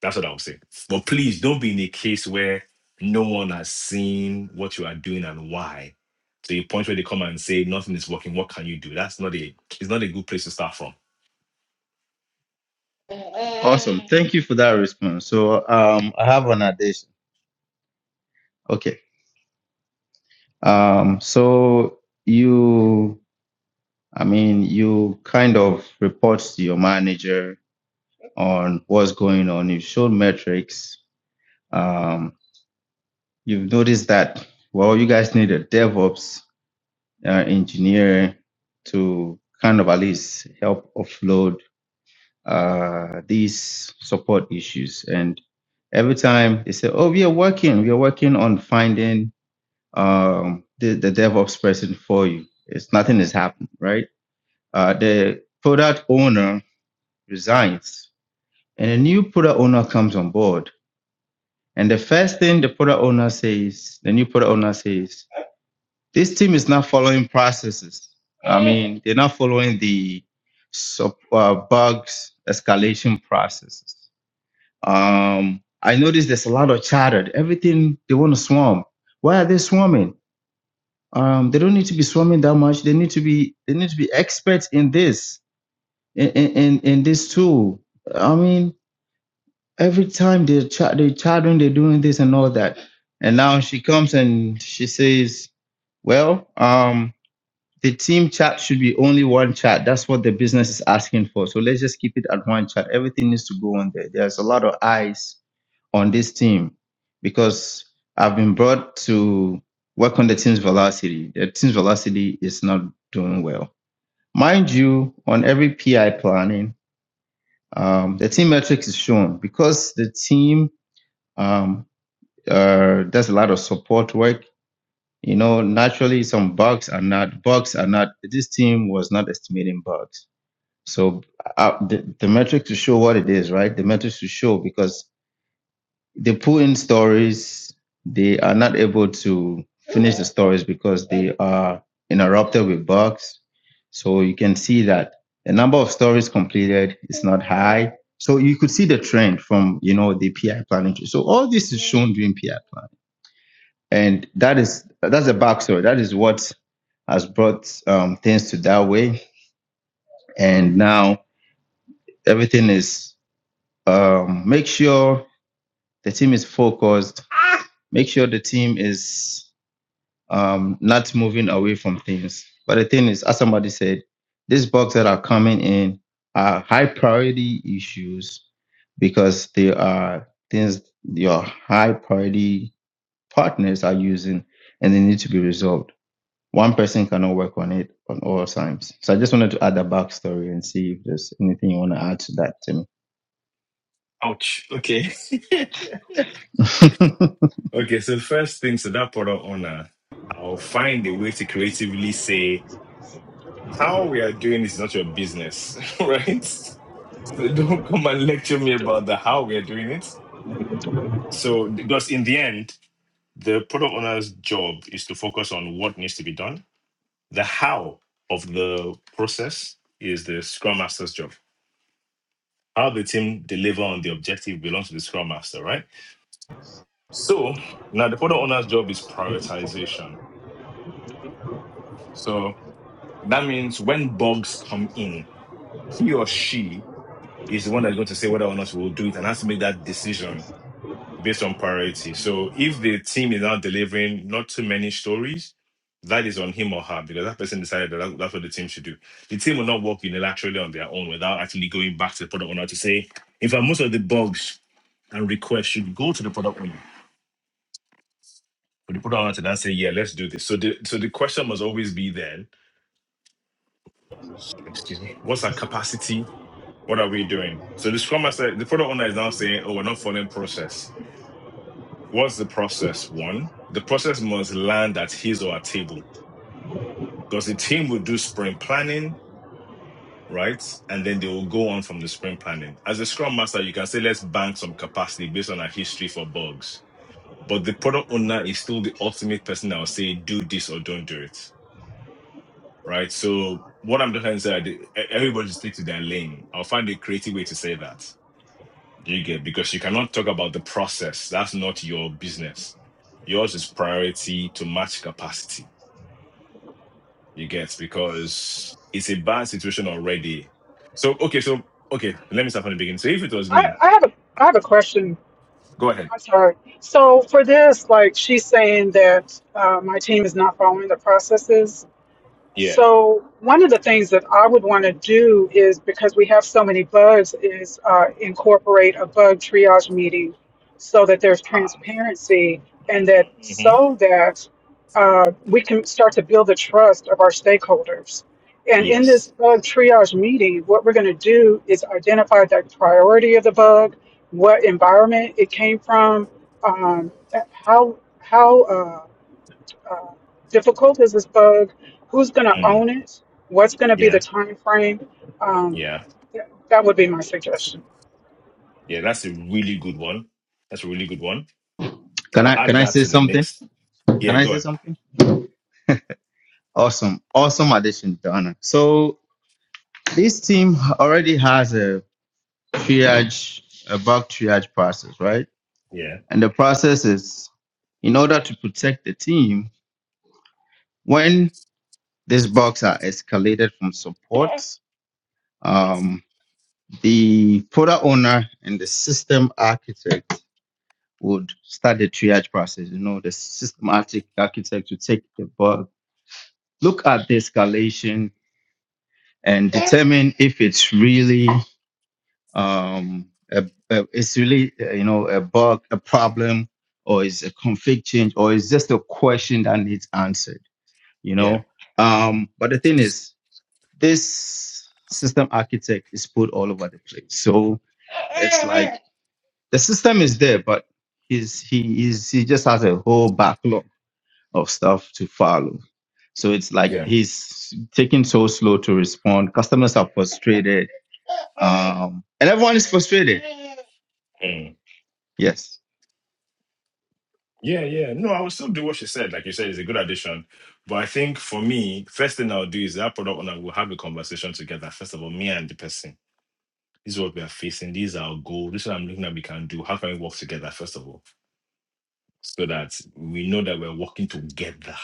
That's what I would say. But please don't be in a case where no one has seen what you are doing and why. To a point where they come and say nothing is working, what can you do? That's not a it's not a good place to start from.
Awesome, thank you for that response. So um, I have an addition. Okay, um, so you I mean, you kind of report to your manager on what's going on. You've shown metrics. Um, you've noticed that, well, you guys need a DevOps uh, engineer to kind of at least help offload uh, these support issues. And every time they say, oh, we are working, we are working on finding um, the, the DevOps person for you. It's nothing is happening, right? Uh, the product owner resigns and a new product owner comes on board. And the first thing the product owner says, the new product owner says, this team is not following processes. I mean, they're not following the sub, uh, bugs escalation processes. Um, I noticed there's a lot of chatter. Everything they want to swarm. Why are they swarming? Um, they don't need to be swarming that much. They need to be they need to be experts in this in, in in this tool. I mean, every time they're, ch- they're chatting, they're doing this and all that. And now she comes and she says, Well, um, the team chat should be only one chat. That's what the business is asking for. So let's just keep it at one chat. Everything needs to go on there. There's a lot of eyes on this team because I've been brought to work on the team's velocity. The team's velocity is not doing well. Mind you, on every PI planning, um, the team metrics is shown because the team um, uh, there's a lot of support work. You know, naturally, some bugs are not bugs are not. This team was not estimating bugs. So uh, the the metric to show what it is, right? The metrics to show because they pull in stories, they are not able to finish the stories because they are interrupted with bugs. So you can see that the number of stories completed is not high. So you could see the trend from you know the PI planning. So all this is shown during PI planning and that is that's a backstory. That is what has brought um, things to that way. And now everything is um, make sure the team is focused. Make sure the team is um, not moving away from things. But the thing is, as somebody said, these bugs that are coming in are high priority issues because they are things your high priority partners are using and they need to be resolved One person cannot work on it on all times. So I just wanted to add a backstory and see if there's anything you want to add to that, Timmy.
Ouch. Okay. Okay, so first thing, so that product owner, I'll find a way to creatively say how we are doing is not your business, right? So don't come and lecture me about the how we are doing it. So because in the end, the product owner's job is to focus on what needs to be done. The how of the process is the scrum master's job. How the team deliver on the objective belongs to the scrum master, right? So now the product owner's job is prioritization. So That means when bugs come in, he or she is the one that's going to say whether or not we will do it and has to make that decision based on priority. So if the team is now delivering not too many stories, that is on him or her because that person decided that that- that's what the team should do. The team will not work unilaterally on their own without actually going back to the product owner to say, in fact, most of the bugs and requests should go to the product owner. For the product owner to then say, yeah, let's do this. So the so the question must always be then, excuse me, what's our capacity What are we doing? So the Scrum Master, the product owner is now saying, oh, we're not following process. What's the process? One, the process must land at his or her table because the team will do sprint planning, right? And then they will go on from the sprint planning. As a Scrum Master, you can say, let's bank some capacity based on our history for bugs. But the product owner is still the ultimate person that will say, do this or don't do it, right? So what I'm trying to say, everybody just stick to their lane. I'll find a creative way to say that Do You get because you cannot talk about the process. That's not your business. Yours is priority to match capacity. You get because it's a bad situation already. So okay, so okay, let me start from the beginning. So if it was
I,
me,
I have a I have a question.
go ahead.
I'm sorry. So for this, like she's saying that uh, my team is not following the processes.
Yeah.
So one of the things that I would want to do is because we have so many bugs is uh, incorporate a bug triage meeting so that there's
Ah.
transparency and that
Mhm.
so that uh, we can start to build the trust of our stakeholders. And in this
Yes.
bug triage meeting, what we're going to do is identify the priority of the bug, what environment it came from, um, how how uh, uh, difficult is this bug? Who's going to
Mm.
own it? What's going to be the
Yeah.
time frame? Um,
Yeah.
th- that would be my suggestion.
Yeah. That's a really good one. That's a really good one.
can
I'll
I can
add
I
that
say
to the
something?
mix.
Can
Yeah.
I
Go
say
ahead.
something? Awesome, awesome addition, Donna. So this team already has a triage, a bug triage process, right?
Yeah.
And the process is in order to protect the team when these bugs are escalated from support. Um, the product owner and the system architect would start the triage process. You know, the systematic architect to take the bug, look at the escalation, and determine if it's really um a, a- it's really uh, you know a bug, a problem, or is a config change, or is just a question that needs answered. You know, um, but the thing is, this system architect is put all over the place. So it's like the system is there, but he's he is he just has a whole backlog of stuff to follow. So it's like
Yeah.
he's taking so slow to respond. Customers are frustrated. Um, and everyone is frustrated.
Yeah.
Yes.
Yeah, yeah. No, I will still do what she said. Like you said, it's a good addition. But I think for me, first thing I'll do is that product owner will have a conversation together. First of all, me and the person. This is what we are facing. These are our goals. This is what I'm looking at we can do. How can we work together, first of all? So that we know that we're working together.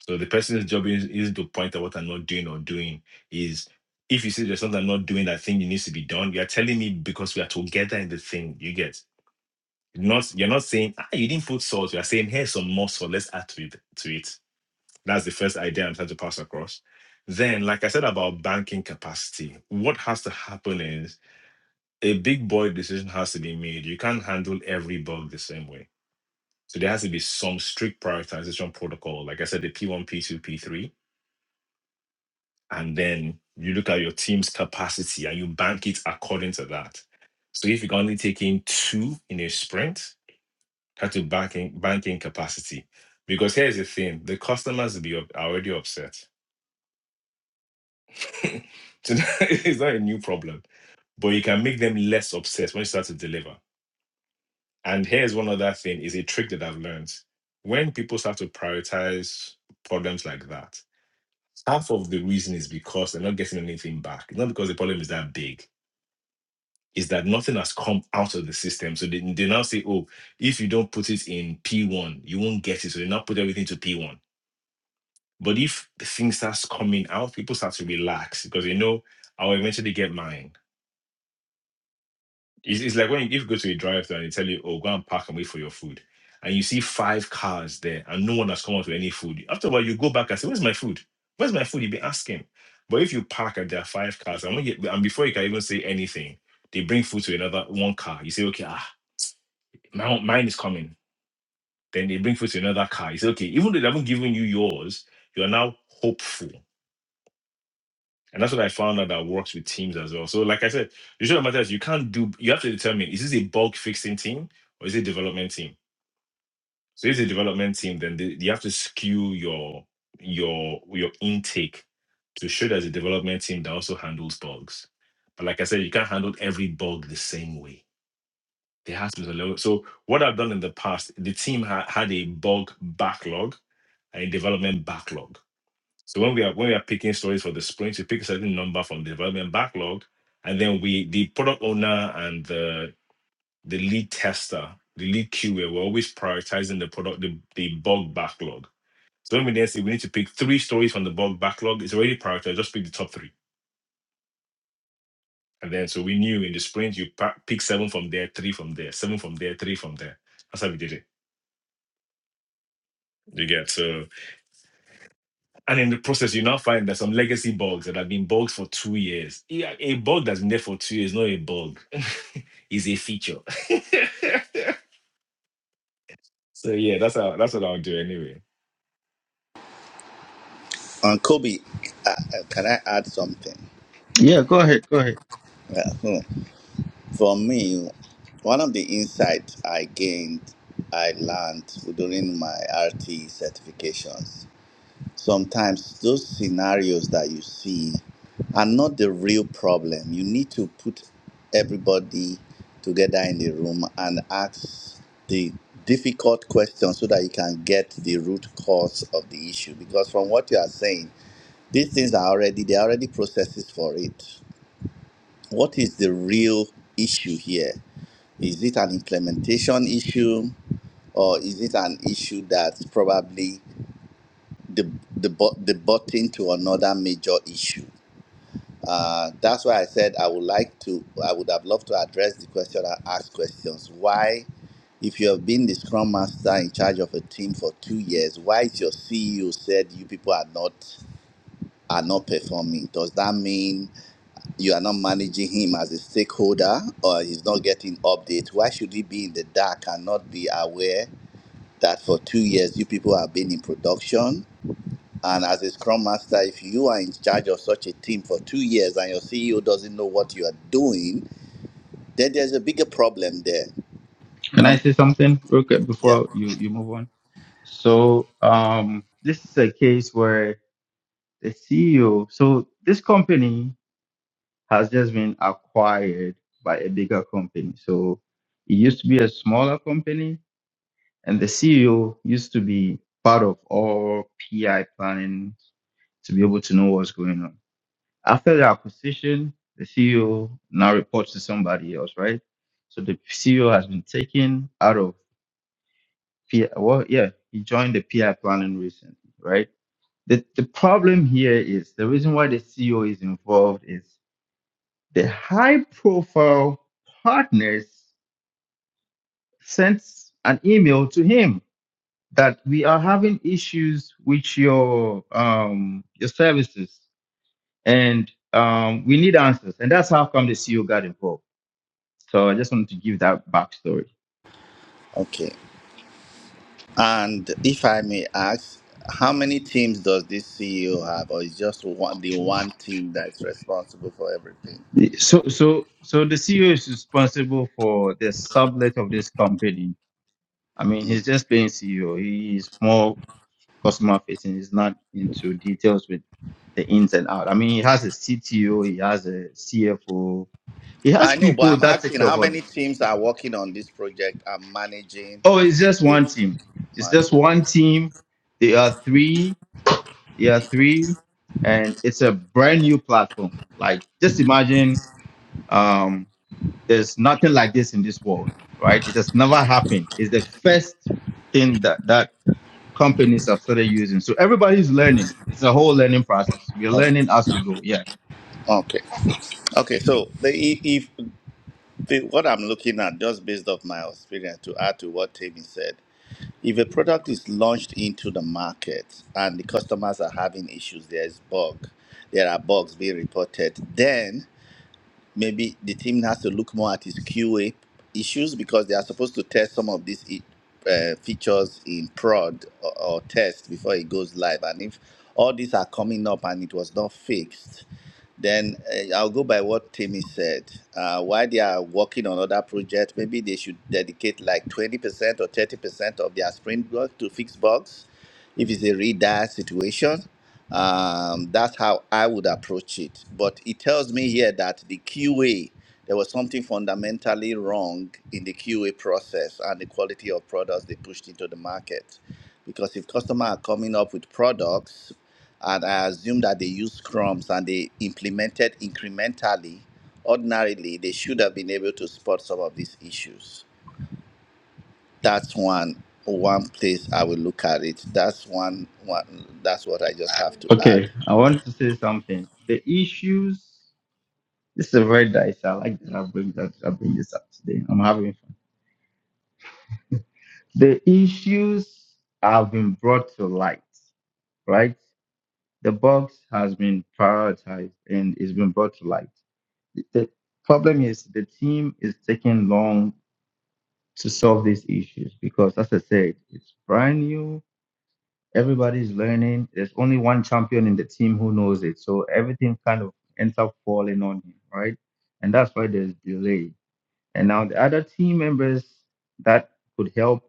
So the person's job is, is to point out what I'm not doing or doing. Is if you see there's something I'm not doing that thing that needs to be done, you're telling me because we are together in the thing. You get. You're not you're not saying ah you didn't put salt. You're saying here's some more salt. Let's add to it to it. That's the first idea I'm trying to pass across. Then, like I said about banking capacity, what has to happen is a big boy decision has to be made. You can't handle every bug the same way. So there has to be some strict prioritization protocol. Like I said, the P1, P2, P3. And then you look at your team's capacity and you bank it according to that. So if you can only take in two in a sprint, Cut to banking banking capacity. Because here's the thing: the customers will be up, are already upset. so that- it's not a new problem, but you can make them less upset when you start to deliver. And here's one other thing: is a trick that I've learned. When people start to prioritize problems like that, half of the reason is because they're not getting anything back. It's not because the problem is that big. Is that nothing has come out of the system? So they, they now say, "Oh, if you don't put it in P1, you won't get it." So they now put everything to P1 But if the thing starts coming out, people start to relax because they know I'll eventually get mine. It's, it's like when you, if you go to a drive-thru and they tell you, "Oh, go and park and wait for your food," and you see five cars there and no one has come out with any food. After a while, you go back and say, "Where's my food? Where's my food?" You've been asking. But if you park and there are five cars, and when you, and before you can even say anything, they bring food to another one car. You say, "Okay, ah, my, mine is coming." Then they bring food to another car. You say, "Okay," even though they haven't given you yours, you are now hopeful And that's what I found out that works with teams as well. So, like I said, the short matter is you can't do, you have to determine is this a bug fixing team or is it a development team? So, if it's a development team, then they, you have to skew your your your intake to show there's a development team that also handles bugs. But like I said, you can't handle every bug the same way. There has to be a level. So, what I've done in the past, the team ha- had a bug backlog and a development backlog. So when we are when we are picking stories for the sprint, we pick a certain number from the development backlog, and then we the product owner and the the lead tester, the lead QA, we're always prioritizing the product the, the bug backlog. So when we then say we need to pick three stories from the bug backlog, it's already prioritized. Just pick the top three, and then so we knew in the sprint you pa- pick seven from there, three from there, seven from there, three from there. That's how we did it. You get so. And in the process, you now find that some legacy bugs that have been bugs for two years. Yeah, A bug that's been there for two years, is not a bug, is a feature. so yeah, that's how that's what I'll do anyway.
On Kobe, uh, uh, can I add something?
Yeah, go ahead. Go ahead.
Yeah. hmm. For me, one of the insights I gained, I learned during my RT certifications. Sometimes those scenarios that you see are not the real problem. You need to put everybody together in the room and ask the difficult questions so that you can get the root cause of the issue. Because from what you are saying, these things are already, there are already processes for it. What is the real issue here? Is it an implementation issue, or is it an issue that's probably the the bu- the button to another major issue? Uh, that's why I said I would like to. I would have loved to address the question and ask questions. Why, if you have been the scrum master in charge of a team for two years, why is your CEO said you people are not are not performing? Does that mean you are not managing him as a stakeholder, or he's not getting updates? Why should he be in the dark and not be aware? that for two years you people have been in production. And as a scrum master, if you are in charge of such a team for two years and your CEO doesn't know what you are doing, then there's a bigger problem there.
Can I
Um,
say something real quick
yeah.
before you, you move on? So um, this is a case where the CEO, so this company has just been acquired by a bigger company. So it used to be a smaller company, and the CEO used to be part of all PI planning to be able to know what's going on. After the acquisition, the CEO now reports to somebody else, right? So the CEO has been taken out of PI. Well, yeah, he joined the PI planning recently, right? The, the problem here is the reason why the CEO is involved is the high profile partners sent an email to him that we are having issues with your um your services And um, we need answers. And that's how come the CEO got involved. So I just wanted to give that backstory.
Okay. And if I may ask, how many teams does this CEO have, or is just one, the one team that's responsible for everything?
So so so the CEO is responsible for the sublet of this company. I mean,
Mm.
he's just being CEO. He is more customer facing. He's not into details with the ins and out. I mean, he has a CTO, he has a CFO, he has
I know, but
people
I'm
that take
asking
care
how
of all
many
this.
teams are working on this project and managing
Oh, it's just
the
one team. It's just
managing.
one team. They are three. yeah three and it's a brand new platform like just imagine um there's nothing like this in this world right it has never happened it's the first thing that that companies have started using so everybody's learning it's a whole learning process we're
Okay.
learning as we go yeah
Okay. Okay, so the, i- if the, what I'm looking at, just based off my experience, to add to what Tammy said, if a product is launched into the market and the customers are having issues, there is bug, there are bugs being reported, then maybe the team has to look more at its QA issues because they are supposed to test some of these i- uh, features in prod or, or test before it goes live. And if all these are coming up and it was not fixed, then uh, I'll go by what Timmy said. Uh, while they are working on other projects, maybe they should dedicate like 20% or 30% of their sprint work to fix bugs if it's a really dire situation. Um, that's how I would approach it. But it tells me here that the QA, there was something fundamentally wrong in the QA process and the quality of products they pushed into the market. Because if customers are coming up with products and I assume that they used crumbs and they implemented incrementally. Ordinarily, they should have been able to spot some of these issues. That's one one place I will look at it. That's one one. That's what I just have to
okay
add.
i want to say something the issues this is a very dicey. i like that i bring that i bring this up today i'm having fun the issues have been brought to light right The box has been prioritized and it's been brought to light. The the problem is the team is taking long to solve these issues because, as I said, it's brand new. Everybody's learning. There's only one champion in the team who knows it, so everything kind of ends up falling on him, right? And that's why there's delay. And now the other team members that could help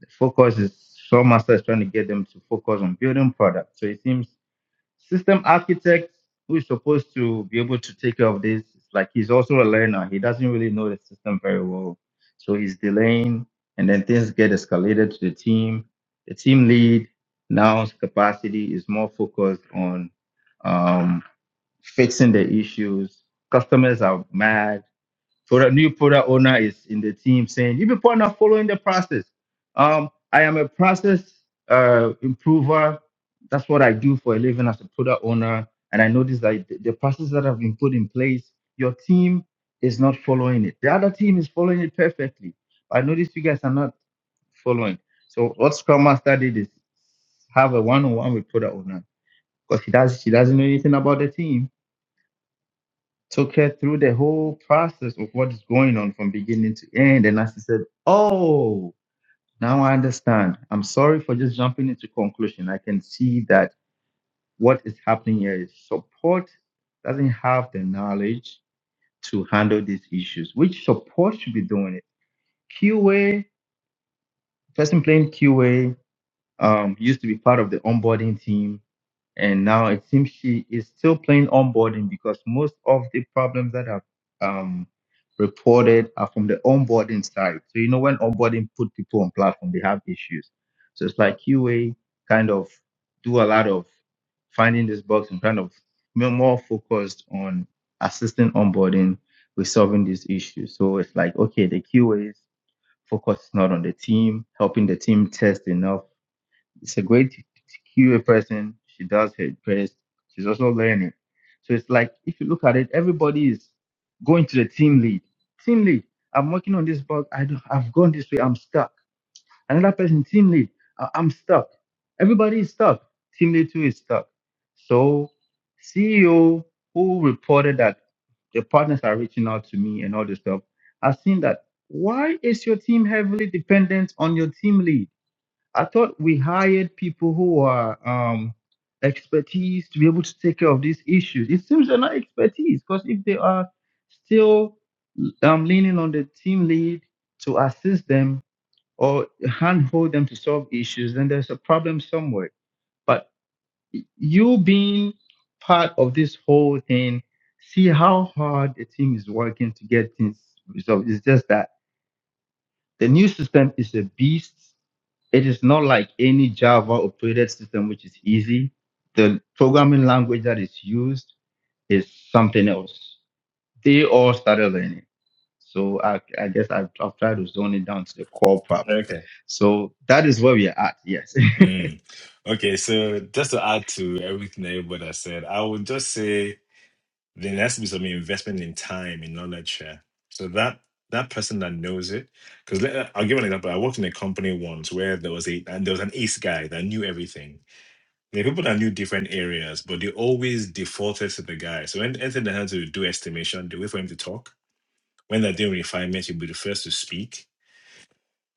the focus is Showmaster is trying to get them to focus on building products. So it seems system architect who is supposed to be able to take care of this it's like he's also a learner he doesn't really know the system very well so he's delaying and then things get escalated to the team the team lead now's capacity is more focused on um, fixing the issues customers are mad product new product owner is in the team saying you people are not following the process um i am a process uh improver that's what i do for a living as a product owner and i noticed that the, the process that have been put in place your team is not following it the other team is following it perfectly i noticed you guys are not following so what scrum master did is have a one-on-one with product owner because he does she doesn't know anything about the team took her through the whole process of what is going on from beginning to end. And as she said, Oh, now I understand. I'm sorry for just jumping into conclusion. I can see that what is happening here is support doesn't have the knowledge to handle these issues, which support should be doing it. QA, person playing QA, um, used to be part of the onboarding team and now it seems she is still playing onboarding because most of the problems that have um, reported are from the onboarding side. So you know when onboarding put people on platform, they have issues. So it's like QA kind of do a lot of finding this box and kind of more more focused on assisting onboarding with solving these issues. So it's like okay, the QA is focus is not on the team, helping the team test enough it's a great QA person. She does her best. She's also learning. So it's like if you look at it, everybody is going to the team lead. Team lead, I'm working on this bug. I don't, I've gone this way. I'm stuck. Another person, team lead, I- I'm stuck. Everybody is stuck. Team lead too is stuck. So CEO who reported that the partners are reaching out to me and all this stuff, I've seen that why is your team heavily dependent on your team lead? I thought we hired people who are um, expertise to be able to take care of these issues. It seems they're not expertise because if they are still um, leaning on the team lead to assist them or handhold them to solve issues, then there's a problem somewhere. But you being part of this whole thing, see how hard the team is working to get things resolved. It's just that the new system is a beast. It is not like any Java operated system, which is easy. The programming language that is used is something else. They all started learning. So I, I guess I've, I've tried to zone it down to the core problem.
Okay.
So that is where we are at. Yes.
Mm. Okay, so just to add to everything everybody has said, I would just say There has to be some investment in time, in knowledge share. So that that person that knows it, because I'll give an example. I worked in a company once where there was a and there was an ace guy that knew everything. There were people that knew different areas, but they always defaulted to the guy. So when anything they had to do estimation, they wait for him to talk. When they're doing refinement, he'll be the first to speak.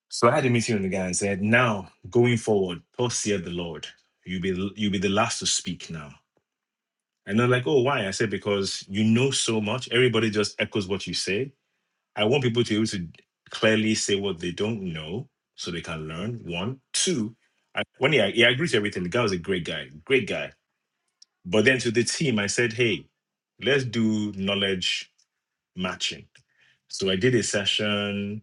So I had a meeting with the guy and said, "Now going forward, thus saith the Lord, you'll be you'll be the last to speak now." And they're like, oh, why? I said, because you know so much. Everybody just echoes what you say. I want people to be able to clearly say what they don't know so they can learn. One. Two, I, when he, he agreed to everything, the guy was a great guy, great guy. But then to the team, I said, hey, let's do knowledge matching. So I did a session.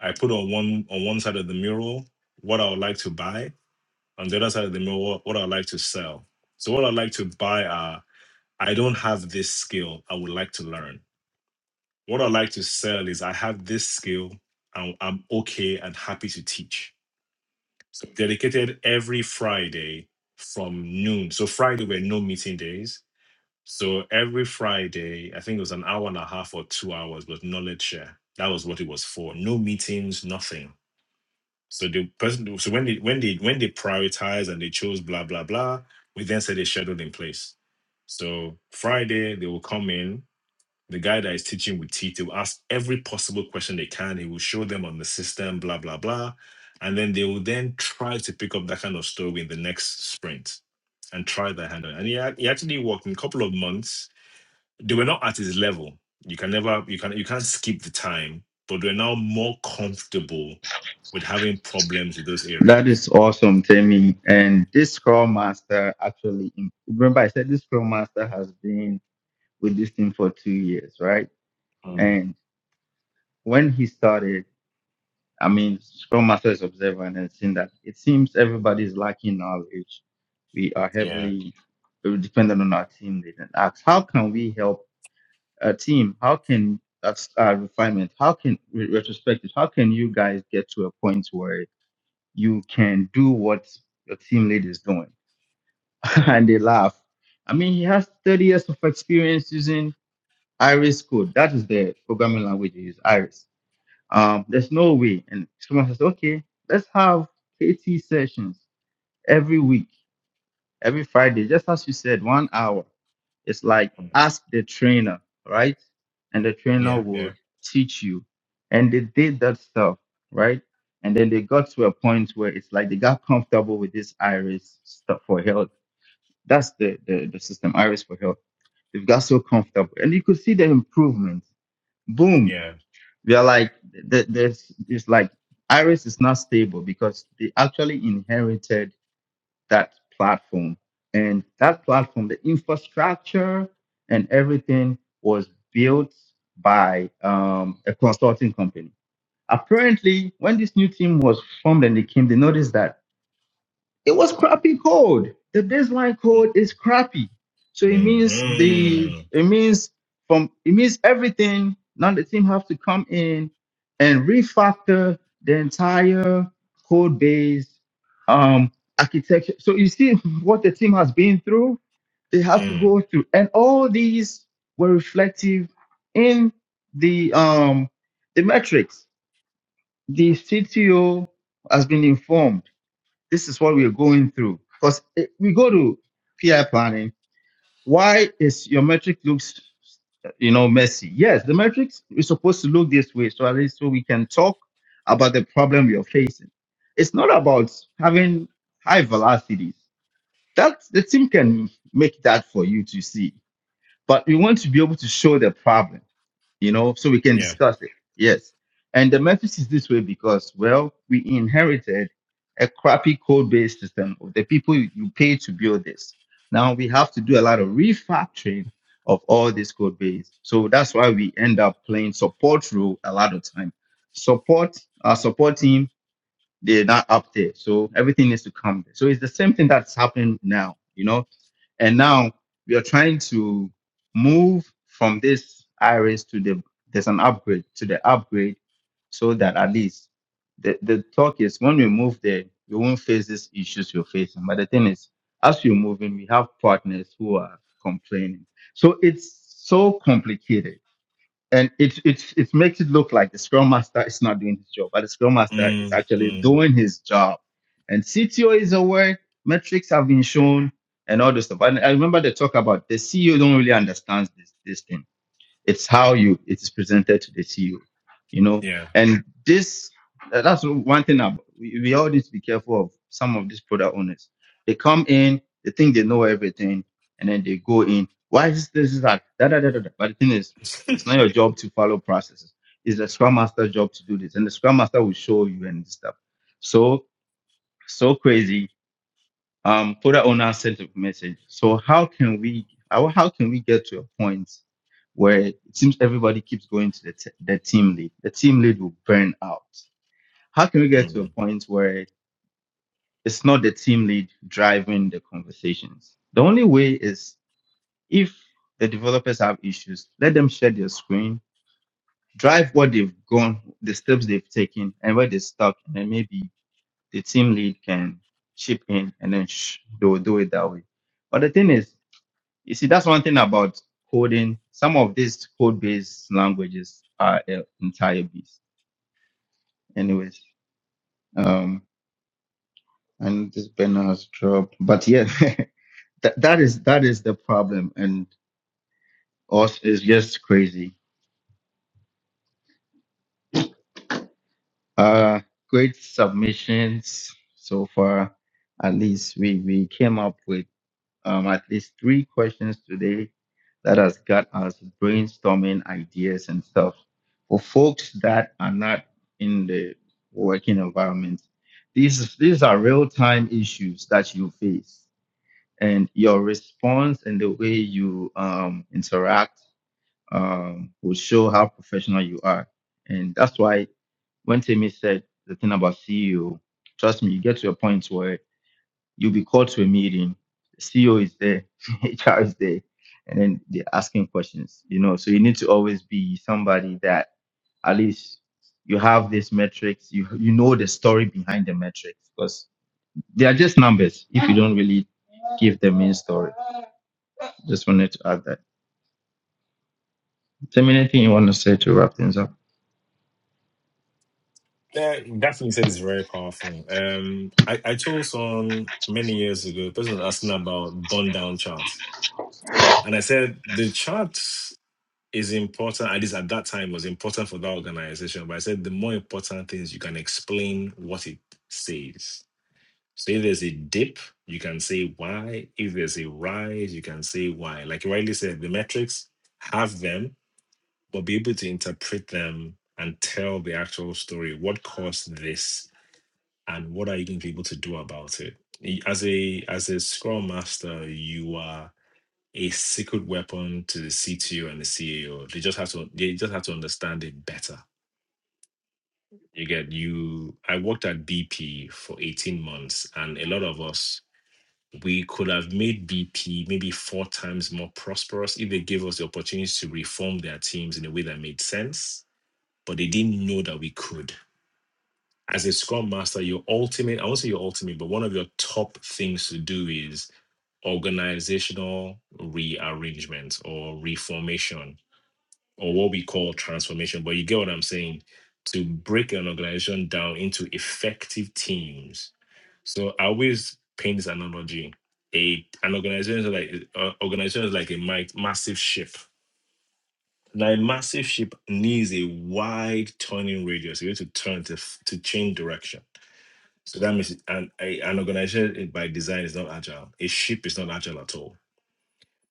I put on one on one side of the mural what I would like to buy, on the other side of the mural what I would like to sell. So what I'd like to buy are. I don't have this skill. I would like to learn. What I like to sell is I have this skill. I'm, I'm okay and happy to teach. So dedicated every Friday from noon. So Friday were no meeting days. So every Friday, I think it was an hour and a half or two hours was knowledge share. That was what it was for. No meetings, nothing. So the person, so when they when they when they prioritized and they chose blah blah blah, we then said a schedule in place. So Friday they will come in The guy that is teaching with teeth, he will ask every possible question they can. He will show them on the system, blah, blah, blah. And then they will then try to pick up that kind of story in the next sprint and try their hand on it. And he, ac- he actually worked in a couple of months. They were not at his level. You can never, you can you can't skip the time, but they're now more comfortable with having problems with those
That
areas
is awesome, Tammy. And this Scrum Master actually, remember I said this Scrum Master has been with this team for two years, right?
Mm.
And when he started, I mean, Scrum Master is observer and has seen that it seems everybody is lacking knowledge. We are
Yeah.
heavily dependent on our team lead and ask, how can we help a team? How can that's uh, refinement? How can re- retrospective? How can you guys get to a point where you can do what your team lead is doing?
Yeah.
and they laugh. I mean, he has 30 years of experience using Iris code. That is the programming language he uses, Iris um, there's no way. And someone says, okay, let's have KT sessions every week, every Friday, just as you said, one hour. It's like
Mm.
ask the trainer, right? And the trainer
Yeah. Yeah.
would teach you. And they did that stuff, right? And then they got to a point where it's like they got comfortable with this iris stuff for health. That's the, the, the system, iris for health. They've got so comfortable. And you could see the improvement. Boom
Yeah.
we are like th- there's it's like iris is not stable because they actually inherited that platform and that platform the infrastructure and everything was built by um, a consulting company apparently when this new team was formed and they came they noticed that it was crappy code. The baseline
Mm.
code is crappy. So it
Mm.
means the
Mm.
it means from it means everything. Now the team have to come in and refactor the entire code base um architecture. So you see what the team has been through, they have to
Mm.
go through. And all these were reflective in the um the metrics. The CTO has been informed this is what we are going through. Because we go to PI planning. Why is your metric looks, you know, messy? Yes, the metrics is supposed to look this way, so at least so we can talk about the problem you're facing. It's not about having high velocities. That the team can make that for you to see, but we want to be able to show the problem you know, so we can
Yeah.
discuss it. Yes. And the Memphis is this way because, well, we inherited a crappy code based system of the people you you pay to build this. Now we have to do a lot of refactoring of all this code base. So that's why we end up playing support role a lot of time. Support, our support team, they're not up there. So everything needs to come there. So it's the same thing that's happening now, you know and now we are trying to move from this iris to the there's an upgrade to the upgrade so that at least the, the talk is when we move there, we won't face these issues you're facing. But the thing is, as you're moving, we have partners who are complaining. So it's so complicated and it it's it makes it look like the scrum master is not doing his job, but the scrum master is
Mm.
actually
Mm.
doing his job. And CTO is aware, metrics have been shown, and all this stuff. And I remember they talk about the CEO don't really understand this this thing it's how you it is presented to the CEO, you know.
Yeah.
And this uh, that's one thing ab- we, we all need to be careful of some of these product owners. They come in, they think they know everything, and then they go in. Why is this, this is that? Da, da, da, da, da. But the thing is, it's not your job to follow processes. It's the Scrum Master's job to do this, and the Scrum Master will show you and stuff. So so crazy um, put that on our sent a message. So how can we how, how can we get to a point where it seems everybody keeps going to the, t- the team lead? The team lead will burn out. How can we get to a
Mm.
point where it's not the team lead driving the conversations? The only way is if the developers have issues, let them share their screen, drive what they've gone, the steps they've taken, and where they stuck, and then maybe the team lead can chip in and then sh- they'll do it that way. But the thing is, You see, that's one thing about coding. Some of these code-based languages are an entire beast. Anyways, um, and this banner has dropped. But yeah, that, that is that is the problem, and us is just crazy. Uh, great submissions so far. At least we we came up with. um, at least three questions today that has got us brainstorming ideas and stuff. For folks that are not in the working environment, these these are real time issues that you face, and your response and the way you um, interact um, will show how professional you are. And that's why when Timmy said the thing about CEO, trust me, you get to a point where You'll be called to a meeting. CEO is there, HR is there, and then they're asking questions. You know, so you need to always be somebody that at least you have these metrics. You you know the story behind the metrics because they are just numbers. If you don't really give the main story, just wanted to add that. Is there anything you want to say to wrap things up?
Yeah, definitely said it's very powerful. Um, I, I told someone many years ago, a person was asking about burn down charts. And I said the chart. is important, at least at that time, was important for that organization. But I said the more important thing is you can explain what it says. So if there's a dip, you can say why. If there's a rise, you can say why. Like you rightly said, the metrics have them, but be able to interpret them and tell the actual story. What caused this, and what are you going to be able to do about it? Y- As a as a Scrum Master, you are a secret weapon to the CTO and the CEO. They just have to they just have to understand it better. You get you I worked at BP for 18 months and a lot of us we could have made BP maybe four times more prosperous if they gave us the opportunities to reform their teams in a way that made sense, but they didn't know that we could. As a scrum master, your ultimate, I won't say your ultimate, but one of your top things to do is organizational rearrangement or reformation or what we call transformation, but you get what I'm saying to break an organization down into effective teams. So I always paint this analogy: a an organization is like uh, organization is like a mi- massive ship. Now, a massive ship needs a wide turning radius. You need to turn to f- to change direction. So that means an a, an organization by design is not agile. A ship is not agile at all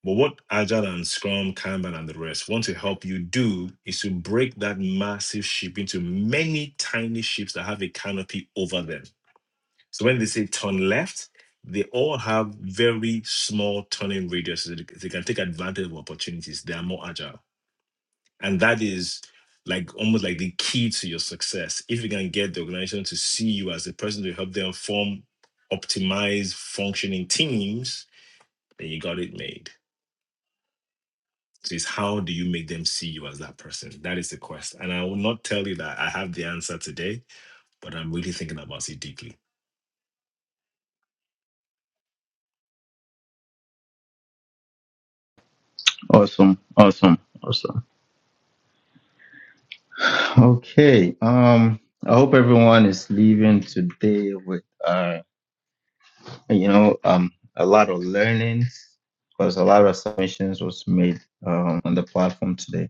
but what Agile and Scrum, Kanban, and the rest want to help you do is to break that massive ship into many tiny ships that have a canopy over them. So when they say turn left, they all have very small turning radiuses. They can take advantage of opportunities. They are more agile. And that is like almost like the key to your success. If you can get the organization to see you as the person to help them form, optimize functioning teams, then you got it made. So it's how do you make them see you as that person? That is the quest. And I will not tell you that I have the answer today, but I'm really thinking about it deeply.
Awesome, awesome, awesome. Okay. Um, I hope everyone is leaving today with uh you know, um, a lot of learnings because a lot of submissions was made um, on the platform today.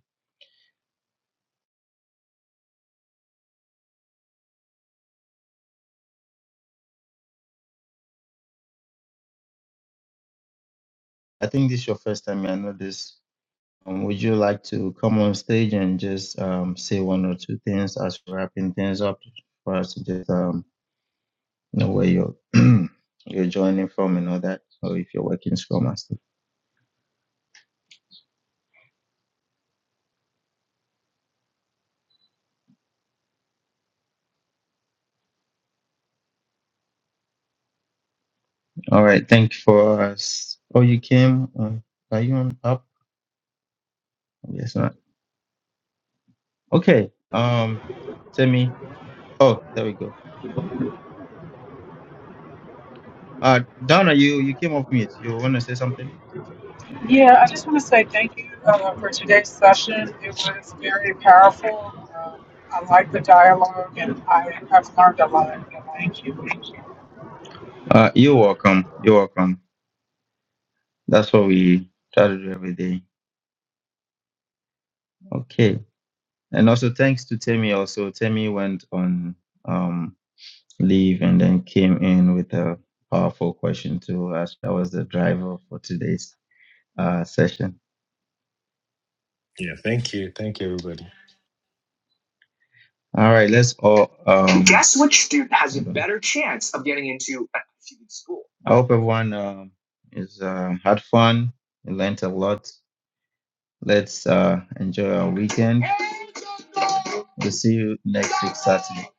I think this is your first time. I know this. Um, would you like to come on stage and just um, say one or two things as we're wrapping things up for us to just um, know where you're you're joining from and all that, or if you're working Scrum Master. All right, thank you for us. Oh, you came. Uh, are you on up? Yes, not. Okay. Um, Timmy. Oh, there we go. Uh, Donna, you you came off mute. You want to say something?
Yeah, I just want to say thank you uh, for today's session. It was very powerful. Um I like the dialogue, and I have learned a lot. Thank you.
Uh, you're welcome. You're welcome. That's what we try to do every day. Okay. And also thanks to Temi. Also, Temi went on um leave and then came in with a powerful question to us. That was the driver for today's uh session.
Yeah, thank you. Thank you, everybody.
All right. Let's all um. Guess which student has a better chance of getting into a good school? I hope everyone um is uh, had fun. learned a lot. Let's uh, enjoy our weekend. We'll see you next week, Saturday.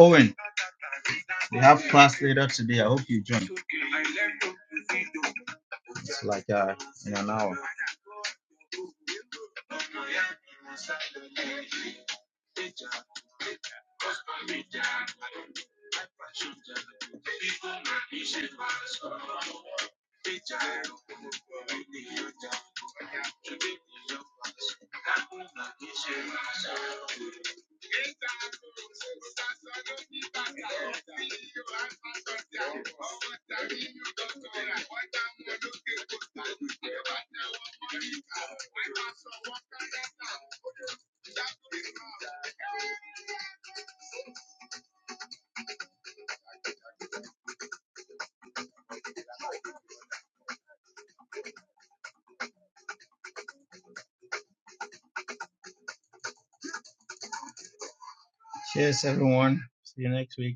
Owen, later today. I hope you join like, uh, in an hour. Cheers, everyone. See you next week.